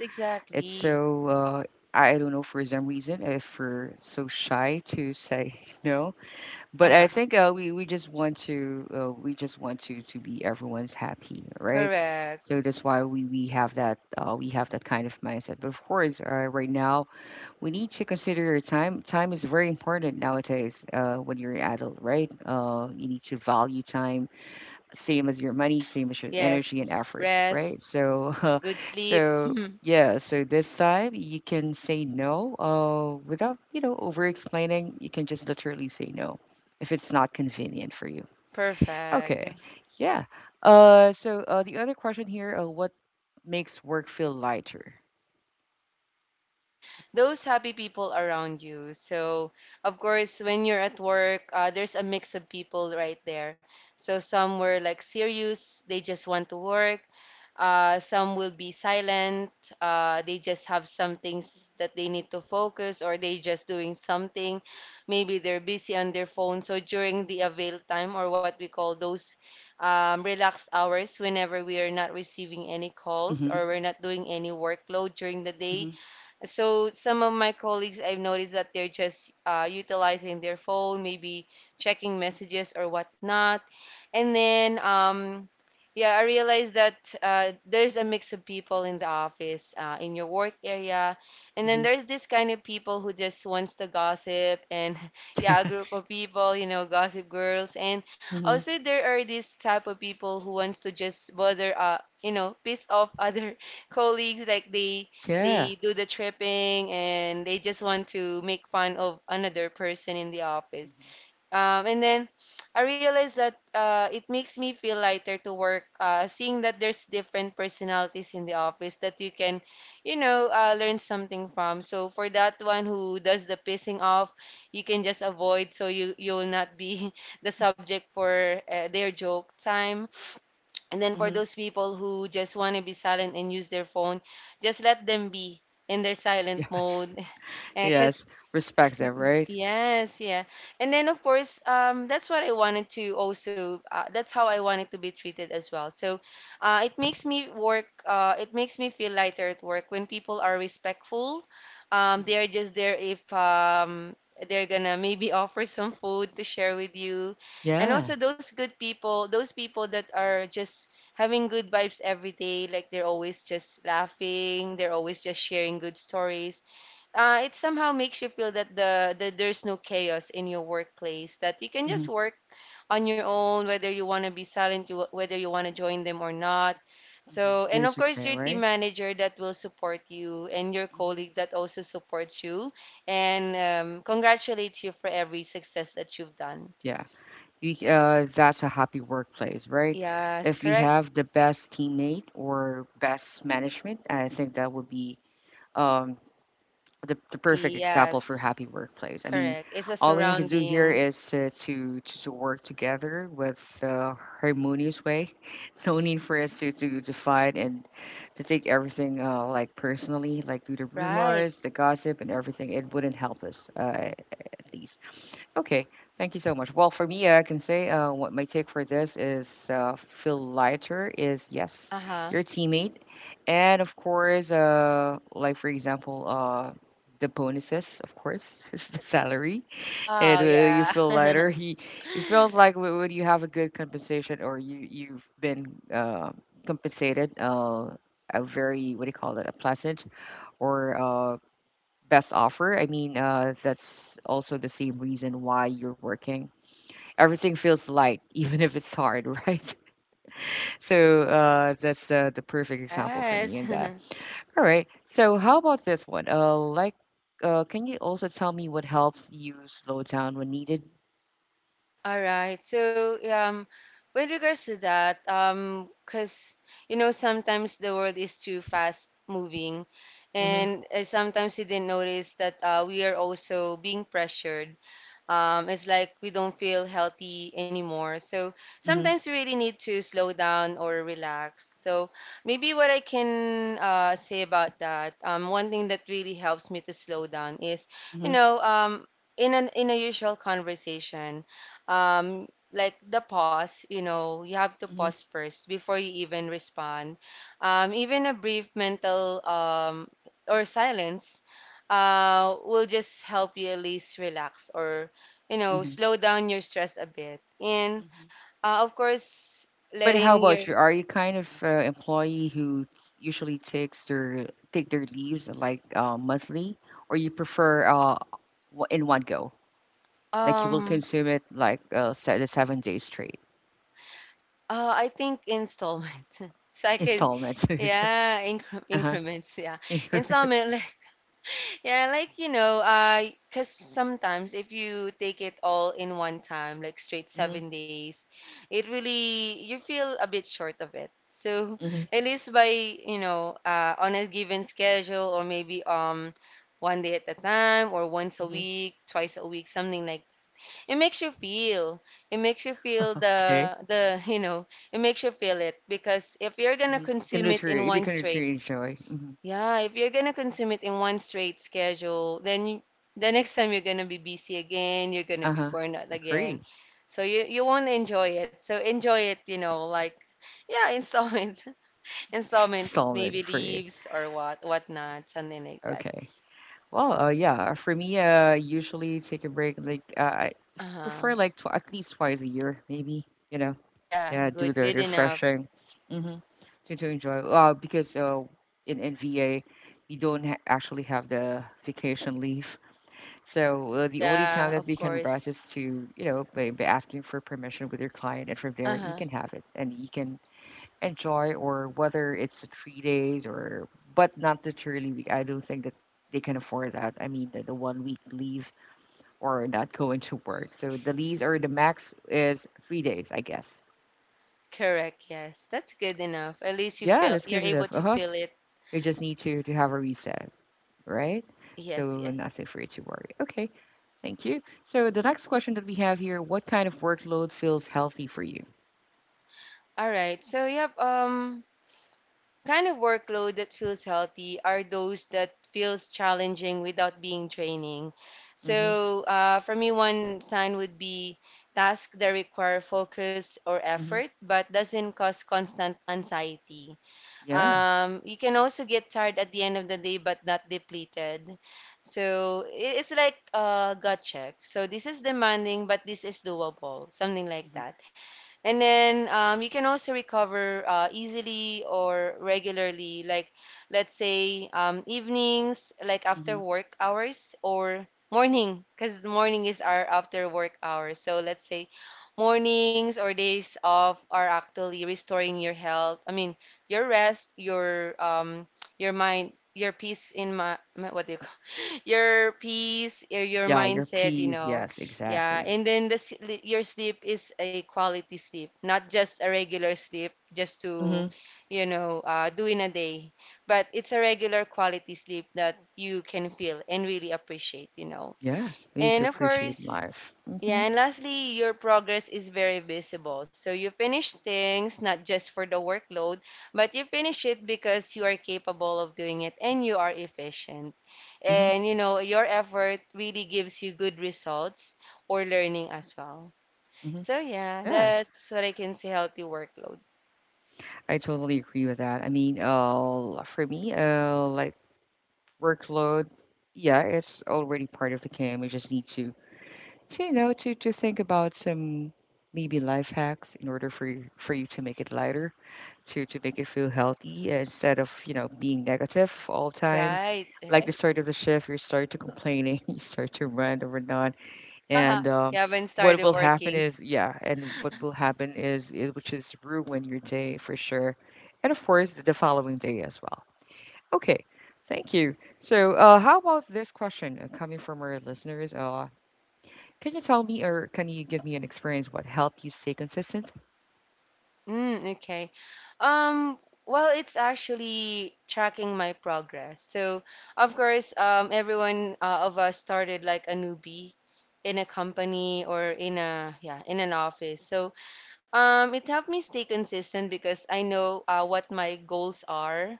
[SPEAKER 1] it's
[SPEAKER 2] exactly.
[SPEAKER 1] so, I don't know for some reason if we're so shy to say <laughs> no, but I
[SPEAKER 2] Uh-huh.
[SPEAKER 1] think, uh, we just want to, we just want to be everyone's happy, right,
[SPEAKER 2] Correct.
[SPEAKER 1] so that's why we have that, we have that kind of mindset, but of course, right now we need to consider your time. Time is very important nowadays when you're an adult, right? You need to value time, same as your money, same as your
[SPEAKER 2] Yes.
[SPEAKER 1] energy and effort, right?
[SPEAKER 2] Rest,
[SPEAKER 1] So, <laughs>
[SPEAKER 2] good sleep.
[SPEAKER 1] so
[SPEAKER 2] <laughs>
[SPEAKER 1] yeah, so this time you can say no without, you know, over explaining. You can just literally say no if it's not convenient for you.
[SPEAKER 2] Perfect.
[SPEAKER 1] Okay, yeah. The other question here what makes work feel lighter?
[SPEAKER 2] Those happy people around you. So, of course, when you're at work, there's a mix of people right there. So, some were like serious, they just want to work. Some will be silent, they just have some things that they need to focus, or they just doing something. Maybe they're busy on their phone. So, during the avail time, or what we call those relaxed hours whenever we are not receiving any calls
[SPEAKER 1] Mm-hmm,
[SPEAKER 2] or we're not doing any workload during the day.
[SPEAKER 1] mm-hmm,
[SPEAKER 2] So some of my colleagues, I've noticed that they're just utilizing their phone, maybe checking messages or whatnot. And then, yeah, I realized that there's a mix of people in the office, in your work area, and then
[SPEAKER 1] mm-hmm.
[SPEAKER 2] there's this kind of people who just wants to gossip, and <laughs>
[SPEAKER 1] <laughs>
[SPEAKER 2] yeah, a group
[SPEAKER 1] Yes.
[SPEAKER 2] of people, you know, gossip girls, and
[SPEAKER 1] Mm-hmm.
[SPEAKER 2] also there are this type of people who wants to just bother, piss off other <laughs> colleagues, like they
[SPEAKER 1] Yeah.
[SPEAKER 2] they do the tripping and they just want to make fun of another person in the office.
[SPEAKER 1] Mm-hmm.
[SPEAKER 2] And then I realized that it makes me feel lighter to work, seeing that there's different personalities in the office that you can, you know, learn something from. So for that one who does the pissing off, you can just avoid so you will not be <laughs> the subject for their joke time. And then for
[SPEAKER 1] Mm-hmm.
[SPEAKER 2] those people who just want to be silent and use their phone, just let them be in their silent
[SPEAKER 1] Yes. <laughs>
[SPEAKER 2] mode because,
[SPEAKER 1] Yes. Respect them, right?
[SPEAKER 2] yes, yeah. And then of course, that's what I wanted to also, that's how I wanted to be treated as well. So, it makes me work, it makes me feel lighter at work when people are respectful.
[SPEAKER 1] Hmm.
[SPEAKER 2] They are just there if they're gonna maybe <laughs> offer some food to share with you. And
[SPEAKER 1] Yeah.
[SPEAKER 2] also those good people, those people that are just having good vibes every day, like they're always just laughing, they're always just sharing good stories it somehow makes you feel that that there's no chaos in your workplace, that you can
[SPEAKER 1] Hmm.
[SPEAKER 2] just work on your own, whether you want to be silent, whether you want to join them or not.
[SPEAKER 1] Hmm.
[SPEAKER 2] So, and of
[SPEAKER 1] It's
[SPEAKER 2] course,
[SPEAKER 1] okay,
[SPEAKER 2] your team
[SPEAKER 1] right?
[SPEAKER 2] manager that will support you, and your
[SPEAKER 1] Hmm.
[SPEAKER 2] colleague that also supports you and congratulates you for every success that you've done.
[SPEAKER 1] Yeah. That's a happy workplace, right?
[SPEAKER 2] Yes,
[SPEAKER 1] If we
[SPEAKER 2] correct?
[SPEAKER 1] have the best teammate or best management, I think that would be um, the perfect example for
[SPEAKER 2] Yes,
[SPEAKER 1] happy workplace. I mean,
[SPEAKER 2] correct. It's the
[SPEAKER 1] all we need to do here
[SPEAKER 2] surroundings,
[SPEAKER 1] is to, to work together with a harmonious way. <laughs> No need for us to define and to take everything like personally, like do the
[SPEAKER 2] right?
[SPEAKER 1] rumors, the gossip, and everything. It wouldn't help us at least. Okay, thank you so much. Well, for me, I can say what my take for this is feel lighter is yes,
[SPEAKER 2] Uh-huh.
[SPEAKER 1] your teammate, and of course, the bonuses, of course, <laughs> is the salary, and
[SPEAKER 2] Wow,
[SPEAKER 1] you
[SPEAKER 2] yeah.
[SPEAKER 1] feel
[SPEAKER 2] <laughs>
[SPEAKER 1] lighter. It feels like when you have a good compensation or you you've been compensated. A very what do you call that a pleasant or best offer. I mean, that's also the same reason why you're working. Everything feels light, <laughs> even if it's hard, right? <laughs> So that's the perfect example for me
[SPEAKER 2] Yes.
[SPEAKER 1] in that.
[SPEAKER 2] <laughs>
[SPEAKER 1] All right. So how about this one? Can you also tell me what helps you slow down when needed?
[SPEAKER 2] All right. So, with regards to that, because you know sometimes the world is too fast moving,
[SPEAKER 1] Mm-hmm.
[SPEAKER 2] and sometimes we didn't notice that we are also being pressured, it's like we don't feel healthy anymore. So
[SPEAKER 1] Mm-hmm.
[SPEAKER 2] sometimes we really need to slow down or relax. So maybe what I can say about that, one thing that really helps me to slow down is, you
[SPEAKER 1] Mm-hmm.
[SPEAKER 2] know, in an in a usual conversation, um, like the pause, you know, you have to
[SPEAKER 1] Mm-hmm.
[SPEAKER 2] pause first before you even respond. Even a brief mental or silence will just help you at least relax or you know,
[SPEAKER 1] Mm-hmm.
[SPEAKER 2] slow down your stress a bit. And
[SPEAKER 1] Mm-hmm.
[SPEAKER 2] of course,
[SPEAKER 1] But how
[SPEAKER 2] letting your
[SPEAKER 1] about you? Are you kind of employee who usually takes their take their leaves like monthly, or you prefer in one go? Like you will
[SPEAKER 2] um
[SPEAKER 1] consume it like the 7 days straight
[SPEAKER 2] I think installment. <laughs> So I can
[SPEAKER 1] installments.
[SPEAKER 2] yeah,
[SPEAKER 1] <laughs> Uh-huh.
[SPEAKER 2] increments, yeah.
[SPEAKER 1] Mm-hmm.
[SPEAKER 2] Installment. Yeah, like you know, cause sometimes if you take it all in one time, like straight 7 days, it really you feel a bit short of it. So
[SPEAKER 1] Hmm.
[SPEAKER 2] <laughs> at least by you know, on a given schedule or maybe one day at a time or once a
[SPEAKER 1] Hmm.
[SPEAKER 2] week, twice a week, something like it makes you feel. It makes you feel
[SPEAKER 1] <laughs>
[SPEAKER 2] the
[SPEAKER 1] Okay.
[SPEAKER 2] the <laughs> you know, it makes you feel it because if you're gonna
[SPEAKER 1] Hmm.
[SPEAKER 2] consume it in
[SPEAKER 1] You
[SPEAKER 2] one
[SPEAKER 1] can
[SPEAKER 2] straight,
[SPEAKER 1] literally enjoy. Hmm.
[SPEAKER 2] yeah, if you're gonna consume it in one straight schedule, then the next time you're gonna be busy again, you're gonna
[SPEAKER 1] Uh
[SPEAKER 2] be
[SPEAKER 1] huh.
[SPEAKER 2] burned out again.
[SPEAKER 1] Agree.
[SPEAKER 2] So you won't enjoy it. So enjoy it, you know, like yeah, installment, <laughs> installment,
[SPEAKER 1] Installment
[SPEAKER 2] maybe
[SPEAKER 1] for you.
[SPEAKER 2] leaves or whatnot, something like that.
[SPEAKER 1] Okay. Well, yeah, for me, usually take a break. I
[SPEAKER 2] Uh-huh.
[SPEAKER 1] prefer like tw at least twice a year, maybe. You know,
[SPEAKER 2] Oh yeah,
[SPEAKER 1] yeah, do
[SPEAKER 2] good,
[SPEAKER 1] the
[SPEAKER 2] good enough.
[SPEAKER 1] refreshing, mm-hmm, to enjoy. Because in VA, we don't ha actually have the vacation leave, so
[SPEAKER 2] Oh
[SPEAKER 1] the only time
[SPEAKER 2] yeah,
[SPEAKER 1] that we
[SPEAKER 2] of
[SPEAKER 1] can rest
[SPEAKER 2] course.
[SPEAKER 1] is to you know by asking for permission with your client, and from there you
[SPEAKER 2] Uh-huh.
[SPEAKER 1] can have it, and you can enjoy or whether it's a 3 days or but not the truly week. I don't think that they can afford that. I mean the 1 week leave or not going to work. So the lease or the max is 3 days, I guess.
[SPEAKER 2] Correct, yes. That's good enough. At least you
[SPEAKER 1] Yeah,
[SPEAKER 2] feel
[SPEAKER 1] that's
[SPEAKER 2] you're
[SPEAKER 1] good
[SPEAKER 2] able
[SPEAKER 1] enough. Uh
[SPEAKER 2] to
[SPEAKER 1] huh.
[SPEAKER 2] feel it.
[SPEAKER 1] You just need to have a reset, right? So
[SPEAKER 2] Yes, yeah.
[SPEAKER 1] nothing for you to worry. Okay. Thank you. So the next question that we have here, what kind of workload feels healthy for you?
[SPEAKER 2] All right. So, yep. Kind of workload that feels healthy are those that feels challenging without being draining.
[SPEAKER 1] Mm-hmm.
[SPEAKER 2] So for me, one sign would be tasks that require focus or
[SPEAKER 1] Mm-hmm.
[SPEAKER 2] effort but doesn't cause constant anxiety.
[SPEAKER 1] Yeah.
[SPEAKER 2] You can also get tired at the end of the day but not depleted. So it's like a gut check. So this is demanding but this is doable, something like
[SPEAKER 1] Mm-hmm.
[SPEAKER 2] that. And then you can also recover easily or regularly, like let's say evenings, like
[SPEAKER 1] Mm-hmm.
[SPEAKER 2] after work hours, or morning, because morning is our after work hours. So let's say mornings or days off are actually restoring your health. I mean, your rest, your mind, your peace in my, what do you call <laughs> your peace, your
[SPEAKER 1] Yeah, your
[SPEAKER 2] mindset, you
[SPEAKER 1] peas.
[SPEAKER 2] know.
[SPEAKER 1] Yes,
[SPEAKER 2] Yeah,
[SPEAKER 1] exactly.
[SPEAKER 2] and then the your sleep is a quality sleep, not just a regular sleep, just to,
[SPEAKER 1] Mm-hmm.
[SPEAKER 2] you know, do in a day. But it's a regular quality sleep that you can feel and really appreciate, you know.
[SPEAKER 1] Yeah, we need to
[SPEAKER 2] And of
[SPEAKER 1] appreciate
[SPEAKER 2] course,
[SPEAKER 1] life.
[SPEAKER 2] yeah,
[SPEAKER 1] Mhm,
[SPEAKER 2] and lastly, your progress is very visible. So you finish things not just for the workload, but you finish it because you are capable of doing it and you are efficient.
[SPEAKER 1] mhm,
[SPEAKER 2] And you know, your effort really gives you good results or learning as well.
[SPEAKER 1] mhm.
[SPEAKER 2] So yeah,
[SPEAKER 1] Yeah,
[SPEAKER 2] that's what I can say healthy workload.
[SPEAKER 1] I totally agree with that. I mean, for me, workload, yeah, it's already part of the game. We just need to you know, to think about some maybe life hacks in order for you to make it lighter, to make it feel healthy instead of you know being negative all the time.
[SPEAKER 2] Right,
[SPEAKER 1] Like the
[SPEAKER 2] right.
[SPEAKER 1] start of the shift, you start to complaining, <laughs> you start to rant or whatnot and
[SPEAKER 2] <laughs> You haven't
[SPEAKER 1] what
[SPEAKER 2] started
[SPEAKER 1] will happen
[SPEAKER 2] working.
[SPEAKER 1] is yeah and what will happen is it which is ruin your day for sure and of course the following day as well. Okay, thank you. How about this question coming from our listeners, can you tell me or can you give me an experience what helped you stay consistent?
[SPEAKER 2] Mm, okay. Um, well, it's actually tracking my progress. So, of course, everyone of us started like a newbie in a company or in a yeah, in an office. So, it helped me stay consistent because I know what my goals are,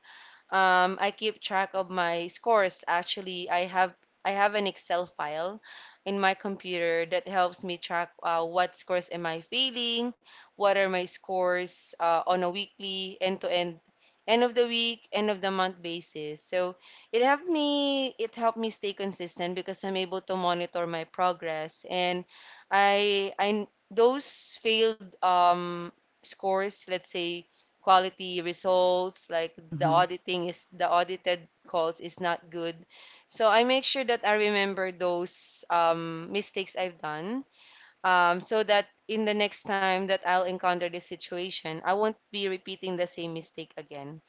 [SPEAKER 2] I keep track of my scores. Actually, I have an Excel file in my computer that helps me track what scores am I failing, what are my scores on a weekly, end to end, end of the week, end of the month basis. So it helped me stay consistent because I'm able to monitor my progress and I those failed scores, let's say quality results like the
[SPEAKER 1] Mm-hmm.
[SPEAKER 2] auditing is the audited calls is not good. So I make sure that I remember those mistakes I've done, so that in the next time that I'll encounter this situation I won't be repeating the same mistake again.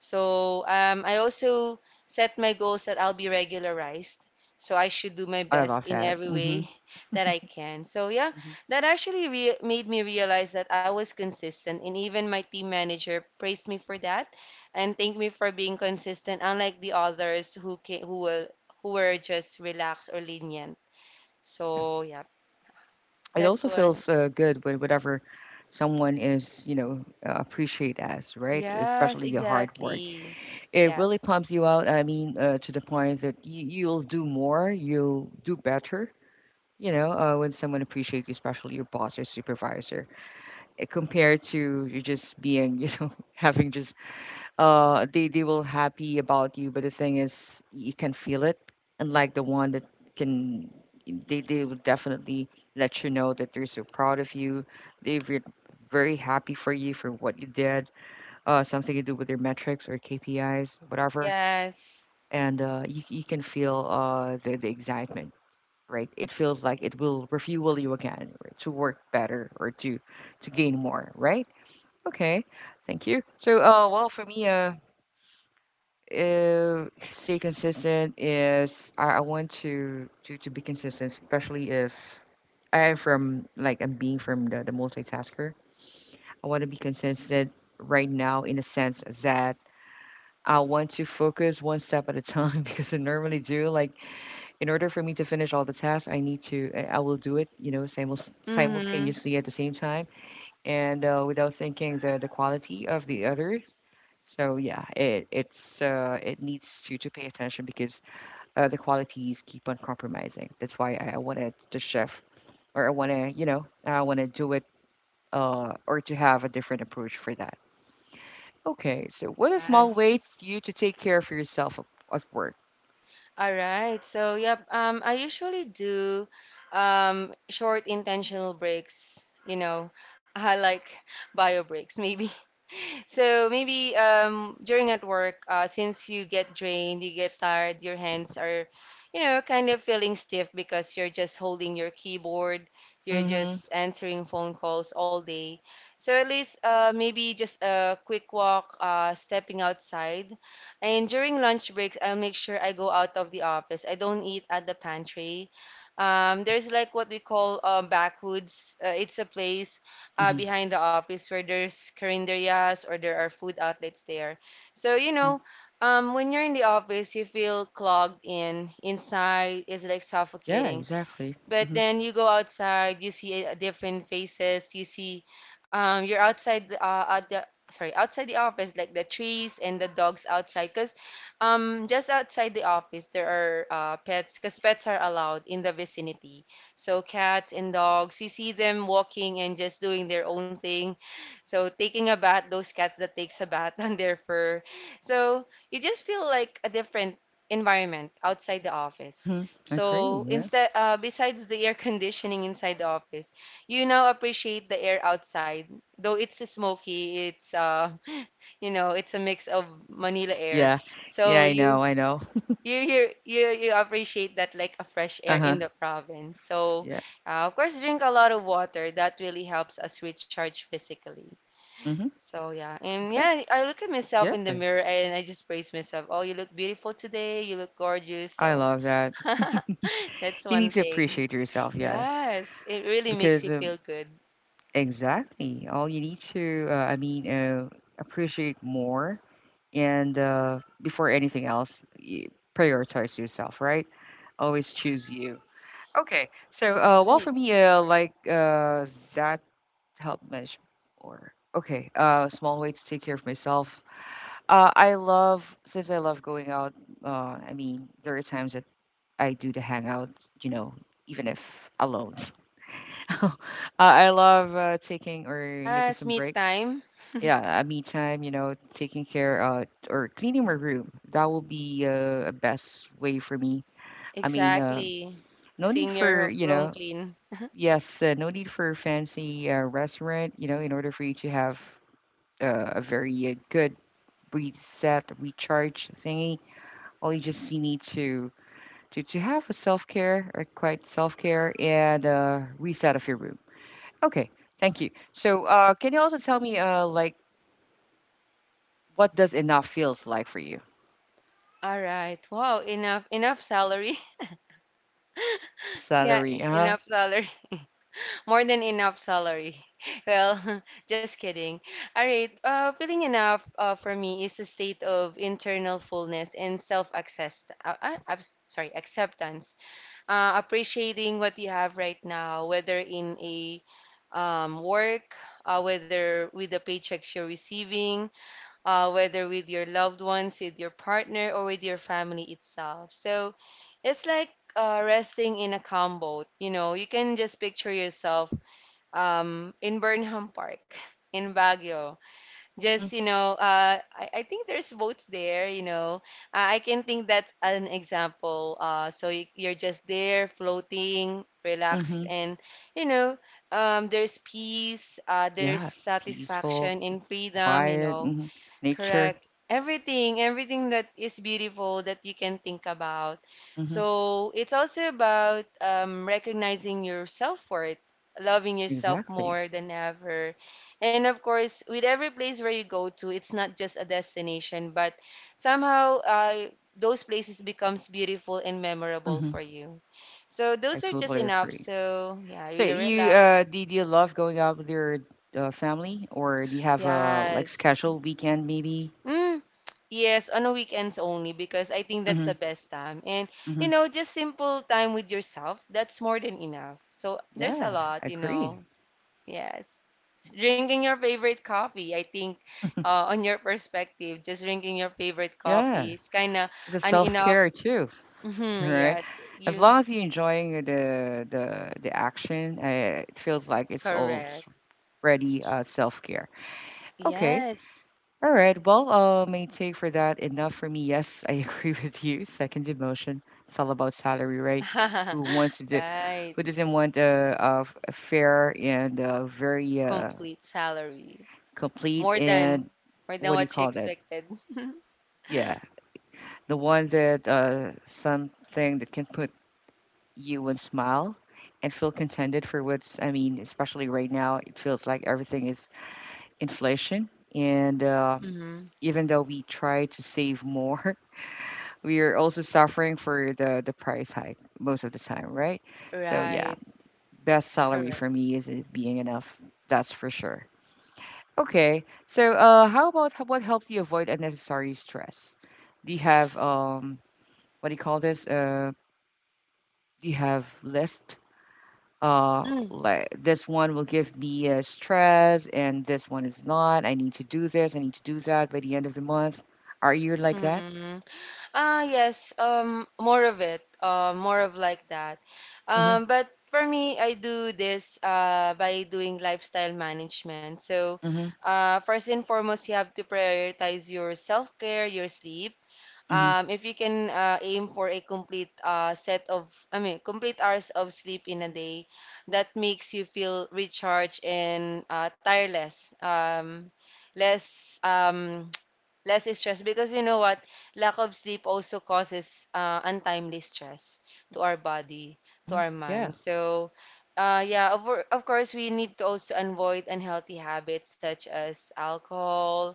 [SPEAKER 2] So I also set my goals that I'll be regularized. So I should do my
[SPEAKER 1] I
[SPEAKER 2] best
[SPEAKER 1] love
[SPEAKER 2] in
[SPEAKER 1] that.
[SPEAKER 2] every
[SPEAKER 1] Mm-hmm.
[SPEAKER 2] way <laughs> that I can. So yeah,
[SPEAKER 1] Hmm.
[SPEAKER 2] that actually made me realize that I was consistent, and even my team manager praised me for that and thanked me for being consistent, unlike the others who ca who were just relaxed or lenient.
[SPEAKER 1] Yeah,
[SPEAKER 2] So yeah,
[SPEAKER 1] it
[SPEAKER 2] that's
[SPEAKER 1] also
[SPEAKER 2] why.
[SPEAKER 1] feels good when whatever someone is you know appreciate as right,
[SPEAKER 2] Yes,
[SPEAKER 1] especially the hard work.
[SPEAKER 2] exactly.
[SPEAKER 1] It really
[SPEAKER 2] Yes.
[SPEAKER 1] pumps you out. I mean, to the point that you, you'll do more, you'll do better. You know, when someone appreciates you, especially your boss or supervisor, eh, compared to you just being, you know, <laughs> having just they will happy about you, but the thing is, you can feel it. Unlike the one that can, they will definitely let you know that they're so proud of you. They're very happy for you for what you did. Something to do with their metrics or KPIs, whatever
[SPEAKER 2] Yes.
[SPEAKER 1] and you, you can feel the excitement, right? It feels like it will refuel you again, right, to work better or to gain more, right? Okay, thank you. Well for me stay consistent is I want to, to be consistent especially if I'm being from the multitasker. I want to be consistent right now in a sense that I want to focus one step at a time <laughs> because I normally do like in order for me to finish all the tasks, I need to, I will do it, you know,
[SPEAKER 2] Mm-hmm.
[SPEAKER 1] simultaneously at the same time and without thinking the quality of the others. So yeah, it needs to pay attention because the qualities keep on compromising. That's why I wanted the chef or I want to, you know, I want to do it or to have a different approach for that. Okay, so
[SPEAKER 2] Mm,
[SPEAKER 1] what are small
[SPEAKER 2] yes.
[SPEAKER 1] ways you to take care of yourself at work?
[SPEAKER 2] All right. So, yep. I usually do short intentional breaks, you know, <laughs> like bio breaks maybe. So maybe during at work, since you get drained, you get tired, your hands are, you know, kind of feeling stiff because you're just holding your keyboard, you're
[SPEAKER 1] Mm-hmm.
[SPEAKER 2] just answering phone calls all day. So at least maybe just a quick walk, stepping outside. And during lunch breaks, I'll make sure I go out of the office. I don't eat at the pantry.
[SPEAKER 1] Mm-hmm.
[SPEAKER 2] There's like what we call backwoods. It's a place
[SPEAKER 1] Mm-hmm.
[SPEAKER 2] behind the office where there's carinderias or there are food outlets there. So, you
[SPEAKER 1] Hmm.
[SPEAKER 2] know, when you're in the office, you feel clogged in. Inside is like
[SPEAKER 1] Yeah,
[SPEAKER 2] suffocating.
[SPEAKER 1] exactly.
[SPEAKER 2] But
[SPEAKER 1] Mm-hmm.
[SPEAKER 2] then you go outside, you see different faces, you see you're outside at the sorry, outside the office like the trees and the dogs outside because just outside the office there are pets because pets are allowed in the vicinity. So cats and dogs, you see them walking and just doing their own thing. So taking a bath, those cats that takes a bath <laughs> on their fur. So you just feel like a different environment outside the office.
[SPEAKER 1] Mhm. Agree,
[SPEAKER 2] So
[SPEAKER 1] yeah.
[SPEAKER 2] instead, besides the air <laughs> conditioning inside the office, you now appreciate the air outside. Though it's smoky, it's <laughs> you know, it's a mix of Manila air.
[SPEAKER 1] Yeah. Yeah,
[SPEAKER 2] So
[SPEAKER 1] I know, I know.
[SPEAKER 2] you appreciate that like a fresh air in
[SPEAKER 1] Uh-huh.
[SPEAKER 2] the province. So
[SPEAKER 1] Yeah.
[SPEAKER 2] of course, drink a lot of water. That really helps us recharge physically.
[SPEAKER 1] Mhm.
[SPEAKER 2] So yeah, and
[SPEAKER 1] Okay.
[SPEAKER 2] yeah, I look at myself
[SPEAKER 1] Yeah.
[SPEAKER 2] in the mirror and I just praise myself. Oh, you look beautiful today. You look gorgeous.
[SPEAKER 1] I
[SPEAKER 2] So.
[SPEAKER 1] love that. <laughs>
[SPEAKER 2] <laughs> That's
[SPEAKER 1] You
[SPEAKER 2] one
[SPEAKER 1] need to
[SPEAKER 2] thing.
[SPEAKER 1] appreciate yourself, yeah,
[SPEAKER 2] Yes, it really makes you
[SPEAKER 1] because,
[SPEAKER 2] feel good,
[SPEAKER 1] exactly. All you need to, appreciate more and, before anything else, y prioritize yourself, right? Always choose you. Okay. So,
[SPEAKER 2] right?
[SPEAKER 1] for me, that helped measure or okay, a small way to take care of myself. I love since I love going out. I mean, there are times that I do the hangout, you know, even if alone. <laughs> uh, I love taking or making
[SPEAKER 2] Yes,
[SPEAKER 1] some
[SPEAKER 2] me
[SPEAKER 1] break.
[SPEAKER 2] time.
[SPEAKER 1] Yeah, a me time, you know, taking care or cleaning my room. That will be a best way for me. I mean,
[SPEAKER 2] Exactly.
[SPEAKER 1] no need
[SPEAKER 2] Seeing your
[SPEAKER 1] for
[SPEAKER 2] room clean.
[SPEAKER 1] yes, no need for fancy restaurant, you know, in order for you to have a very good reset, recharge thingy. All you just you need to have a self care or quite self care and reset of your room. Okay, thank you. So can you also tell me like what does enough feels like for you? <laughs>
[SPEAKER 2] All right. Wow, enough salary. <laughs>
[SPEAKER 1] Yes,
[SPEAKER 2] Yeah,
[SPEAKER 1] salary. Huh?
[SPEAKER 2] enough salary. <laughs> More than enough salary. <laughs> Well, <laughs> just kidding. All right. Feeling enough for me is a state of internal fullness and self-access. Sorry, acceptance. Appreciating what you have right now, whether in a work, whether with the paychecks you're receiving, whether with your loved ones, with your partner, or with your family itself. So it's like resting in a calm boat. You know, you can just picture yourself in Burnham Park, <laughs> in Baguio, just
[SPEAKER 1] Mhm.
[SPEAKER 2] you know I think there's votes there you know, I can think that's an example. So you're just there floating relaxed
[SPEAKER 1] Mhm.
[SPEAKER 2] and you know, there's peace, there's
[SPEAKER 1] Yeah, peaceful,
[SPEAKER 2] satisfaction in freedom, you
[SPEAKER 1] quiet.
[SPEAKER 2] know.
[SPEAKER 1] Mhm. Nature.
[SPEAKER 2] Correct. Everything, everything that is beautiful that you can think about.
[SPEAKER 1] Mhm.
[SPEAKER 2] So it's also about recognizing your self-worth, loving yourself
[SPEAKER 1] Exactly.
[SPEAKER 2] more than ever. And of course, with every place where you go to, it's not just a destination, but somehow those places becomes beautiful and memorable
[SPEAKER 1] Mhm.
[SPEAKER 2] for you. So
[SPEAKER 1] I
[SPEAKER 2] those are just
[SPEAKER 1] totally
[SPEAKER 2] enough.
[SPEAKER 1] agree.
[SPEAKER 2] So yeah,
[SPEAKER 1] So
[SPEAKER 2] you
[SPEAKER 1] you uh,
[SPEAKER 2] relax.
[SPEAKER 1] do, do you love going out with your family, or do you have a like
[SPEAKER 2] Yes.
[SPEAKER 1] scheduled weekend maybe?
[SPEAKER 2] Mm, yes, on the weekends only because I think that's
[SPEAKER 1] Mm-hmm.
[SPEAKER 2] the best time. And you know, just simple time with yourself, that's more than enough. So there's a
[SPEAKER 1] Yeah, I
[SPEAKER 2] lot, you
[SPEAKER 1] agree.
[SPEAKER 2] know. Yes. Drinking your favorite coffee, I think on your perspective, just drinking your favorite
[SPEAKER 1] Yeah,
[SPEAKER 2] coffee is kind of
[SPEAKER 1] it's a
[SPEAKER 2] an
[SPEAKER 1] self
[SPEAKER 2] enough.
[SPEAKER 1] care
[SPEAKER 2] <laughs>
[SPEAKER 1] too, <laughs>
[SPEAKER 2] Mhm,
[SPEAKER 1] right?
[SPEAKER 2] yes,
[SPEAKER 1] As
[SPEAKER 2] you
[SPEAKER 1] long as you're enjoying the action, it feels like it's already
[SPEAKER 2] correct.
[SPEAKER 1] self care. Okay,
[SPEAKER 2] Yes.
[SPEAKER 1] all right. Well, may take for that enough for me. Yes, I agree <laughs> with you. Second demotion. It's all about salary, right? Who wants
[SPEAKER 2] <laughs>
[SPEAKER 1] to do?
[SPEAKER 2] Right.
[SPEAKER 1] Who doesn't want a fair and very
[SPEAKER 2] Complete salary.
[SPEAKER 1] complete
[SPEAKER 2] More than
[SPEAKER 1] and
[SPEAKER 2] More than
[SPEAKER 1] what do you
[SPEAKER 2] what you
[SPEAKER 1] call that?
[SPEAKER 2] expected.
[SPEAKER 1] Yeah, the one that something that can put you on smile and feel contented for what's, I mean, especially right now, it feels like everything is inflation. And
[SPEAKER 2] <laughs> Hmm.
[SPEAKER 1] even though we try to save more, <laughs> we are also suffering for the price hike most of the time, right? So, yeah,
[SPEAKER 2] Right,
[SPEAKER 1] best salary for
[SPEAKER 2] correct.
[SPEAKER 1] me is it being enough. That's for sure. Okay, so how about how, what helps you avoid unnecessary stress? Do you have what do you call this? Do you have list
[SPEAKER 2] Mm,
[SPEAKER 1] like this one will give me stress and this one is not. I need to do this, I need to do that by the end of the month. Are you like that?
[SPEAKER 2] mm-mm. Ah, yes, more of it, more of like that.
[SPEAKER 1] Mm-hmm.
[SPEAKER 2] But for me, I do this by doing lifestyle management. So,
[SPEAKER 1] Mm-hmm.
[SPEAKER 2] first and foremost, you have to prioritize your self-care, your sleep.
[SPEAKER 1] Mm-hmm.
[SPEAKER 2] If you can aim for a complete set of, I mean, complete hours of sleep in a day, that makes you feel recharged and tireless, less <tsk> less stress. Because you know what, lack of sleep also causes untimely stress to our body, to
[SPEAKER 1] Mm-hmm.
[SPEAKER 2] our
[SPEAKER 1] Yeah,
[SPEAKER 2] mind. So, yeah, of course, we need to also avoid unhealthy habits such as alcohol,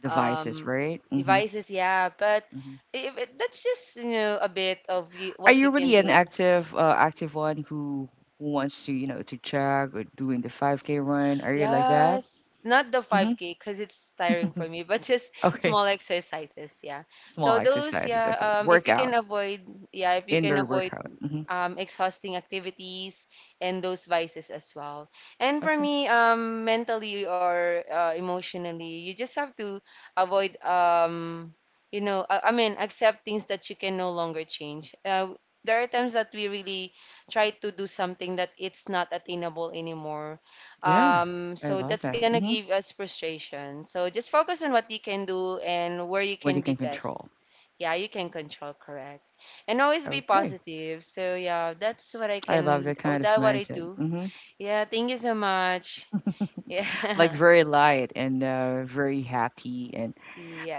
[SPEAKER 1] devices,
[SPEAKER 2] um,
[SPEAKER 1] right? Mm-hmm.
[SPEAKER 2] devices, yeah. But
[SPEAKER 1] Mm-hmm.
[SPEAKER 2] if it, that's just, you know, a bit of you,
[SPEAKER 1] Are
[SPEAKER 2] what
[SPEAKER 1] you
[SPEAKER 2] you can
[SPEAKER 1] really an
[SPEAKER 2] do.
[SPEAKER 1] active active one who wants to, you know, to jog or doing the 5K run? Are you like that?
[SPEAKER 2] Yes, not the
[SPEAKER 1] Mm-hmm.
[SPEAKER 2] 5K because it's tiring for
[SPEAKER 1] <laughs>
[SPEAKER 2] me, <laughs> but just
[SPEAKER 1] Okay,
[SPEAKER 2] small exercises, yeah.
[SPEAKER 1] small
[SPEAKER 2] So those,
[SPEAKER 1] exercises,
[SPEAKER 2] yeah,
[SPEAKER 1] okay,
[SPEAKER 2] if you can
[SPEAKER 1] workout,
[SPEAKER 2] avoid, yeah, if you can
[SPEAKER 1] indoor
[SPEAKER 2] avoid
[SPEAKER 1] workout. Mm-hmm.
[SPEAKER 2] exhausting activities and those vices as well. And for
[SPEAKER 1] Okay.
[SPEAKER 2] me, mentally or emotionally, you just have to avoid, you know, I mean, accept things that you can no longer change. There are times that we really try to do something that it's not attainable anymore.
[SPEAKER 1] Yeah, I
[SPEAKER 2] So
[SPEAKER 1] love
[SPEAKER 2] that's
[SPEAKER 1] that.
[SPEAKER 2] gonna
[SPEAKER 1] Mhm.
[SPEAKER 2] give us frustration. So just focus on what you can do and where you
[SPEAKER 1] What
[SPEAKER 2] can
[SPEAKER 1] you
[SPEAKER 2] be
[SPEAKER 1] can control.
[SPEAKER 2] best. Yeah, you can control, correct, and always be
[SPEAKER 1] Okay.
[SPEAKER 2] positive. So yeah, that's what I
[SPEAKER 1] I love
[SPEAKER 2] can.
[SPEAKER 1] that
[SPEAKER 2] Oh,
[SPEAKER 1] kind of
[SPEAKER 2] that what I
[SPEAKER 1] mindset.
[SPEAKER 2] do.
[SPEAKER 1] Hmm.
[SPEAKER 2] Yeah, thank you so much. <laughs> Yeah.
[SPEAKER 1] Like very light and very happy. And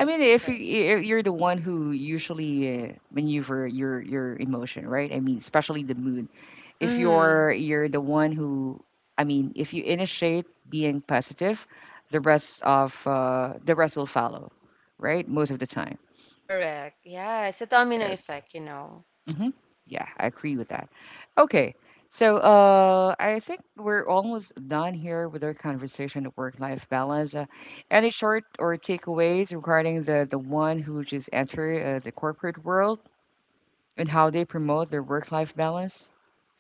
[SPEAKER 1] I mean,
[SPEAKER 2] correct.
[SPEAKER 1] if you're the one who usually maneuver your emotion, right? I mean, especially the mood. If
[SPEAKER 2] Mm-hmm.
[SPEAKER 1] you're the one who, I mean, if you initiate being positive, the rest of the rest will follow, right? Most of the time.
[SPEAKER 2] Correct. Yeah, it's a domino effect, you know.
[SPEAKER 1] Hmm. Yeah, I agree with that. Okay, so I think we're almost done here with our conversation of work-life balance. Any short or takeaways regarding the one who just entered the corporate world and how they promote their work-life balance?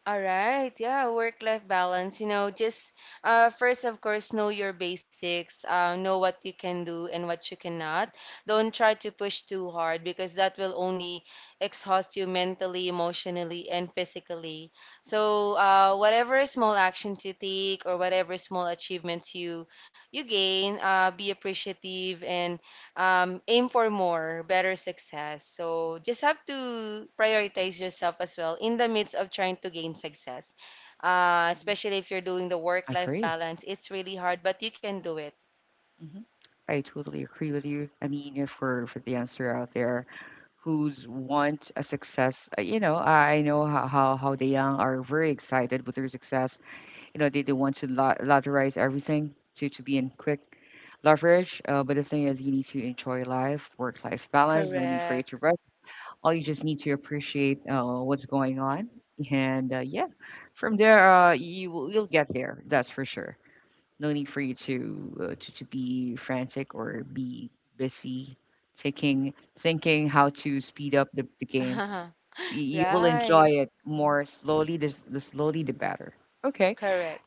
[SPEAKER 2] All right, yeah, work-life balance. You know, just first, of course, know your basics. Know what you can do and what you cannot. Don't try to push too hard because that will only exhaust you mentally, emotionally, and physically. So, whatever small actions you take or whatever small achievements you gain, be appreciative and aim for more, better success. So just have to prioritize yourself as well in the midst of trying to gain success. Especially if you're doing the
[SPEAKER 1] I
[SPEAKER 2] work-life
[SPEAKER 1] agree.
[SPEAKER 2] balance, it's really hard, but you can do it.
[SPEAKER 1] Hmm. I totally agree with you. I mean, for the answer out there who's want a success, you know, I know how the young are very excited with their success. You know, they want to lotterize everything to be in quick leverage. But the thing is, you need to enjoy life, work life balance, no need for you
[SPEAKER 2] Correct.
[SPEAKER 1] to rush. All you just need to appreciate what's going on. And yeah, from there, you will, you'll get there. That's for sure. No need for you to, to be frantic or be busy taking thinking how to speed up the game.
[SPEAKER 2] <laughs>
[SPEAKER 1] You will
[SPEAKER 2] Right.
[SPEAKER 1] enjoy it more slowly. The slowly, the better. Okay.
[SPEAKER 2] Correct.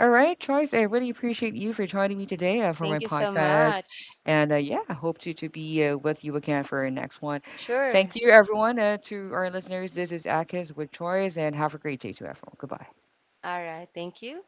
[SPEAKER 1] All right, Charles, I really appreciate you for joining me today for
[SPEAKER 2] Thank you
[SPEAKER 1] my
[SPEAKER 2] so
[SPEAKER 1] podcast.
[SPEAKER 2] much.
[SPEAKER 1] And yeah, I hope to be with you again for our next one. Thank
[SPEAKER 2] Sure.
[SPEAKER 1] you, everyone. To our listeners, this is Akis with Choice, and have a great day to everyone. Goodbye.
[SPEAKER 2] All right. Thank you.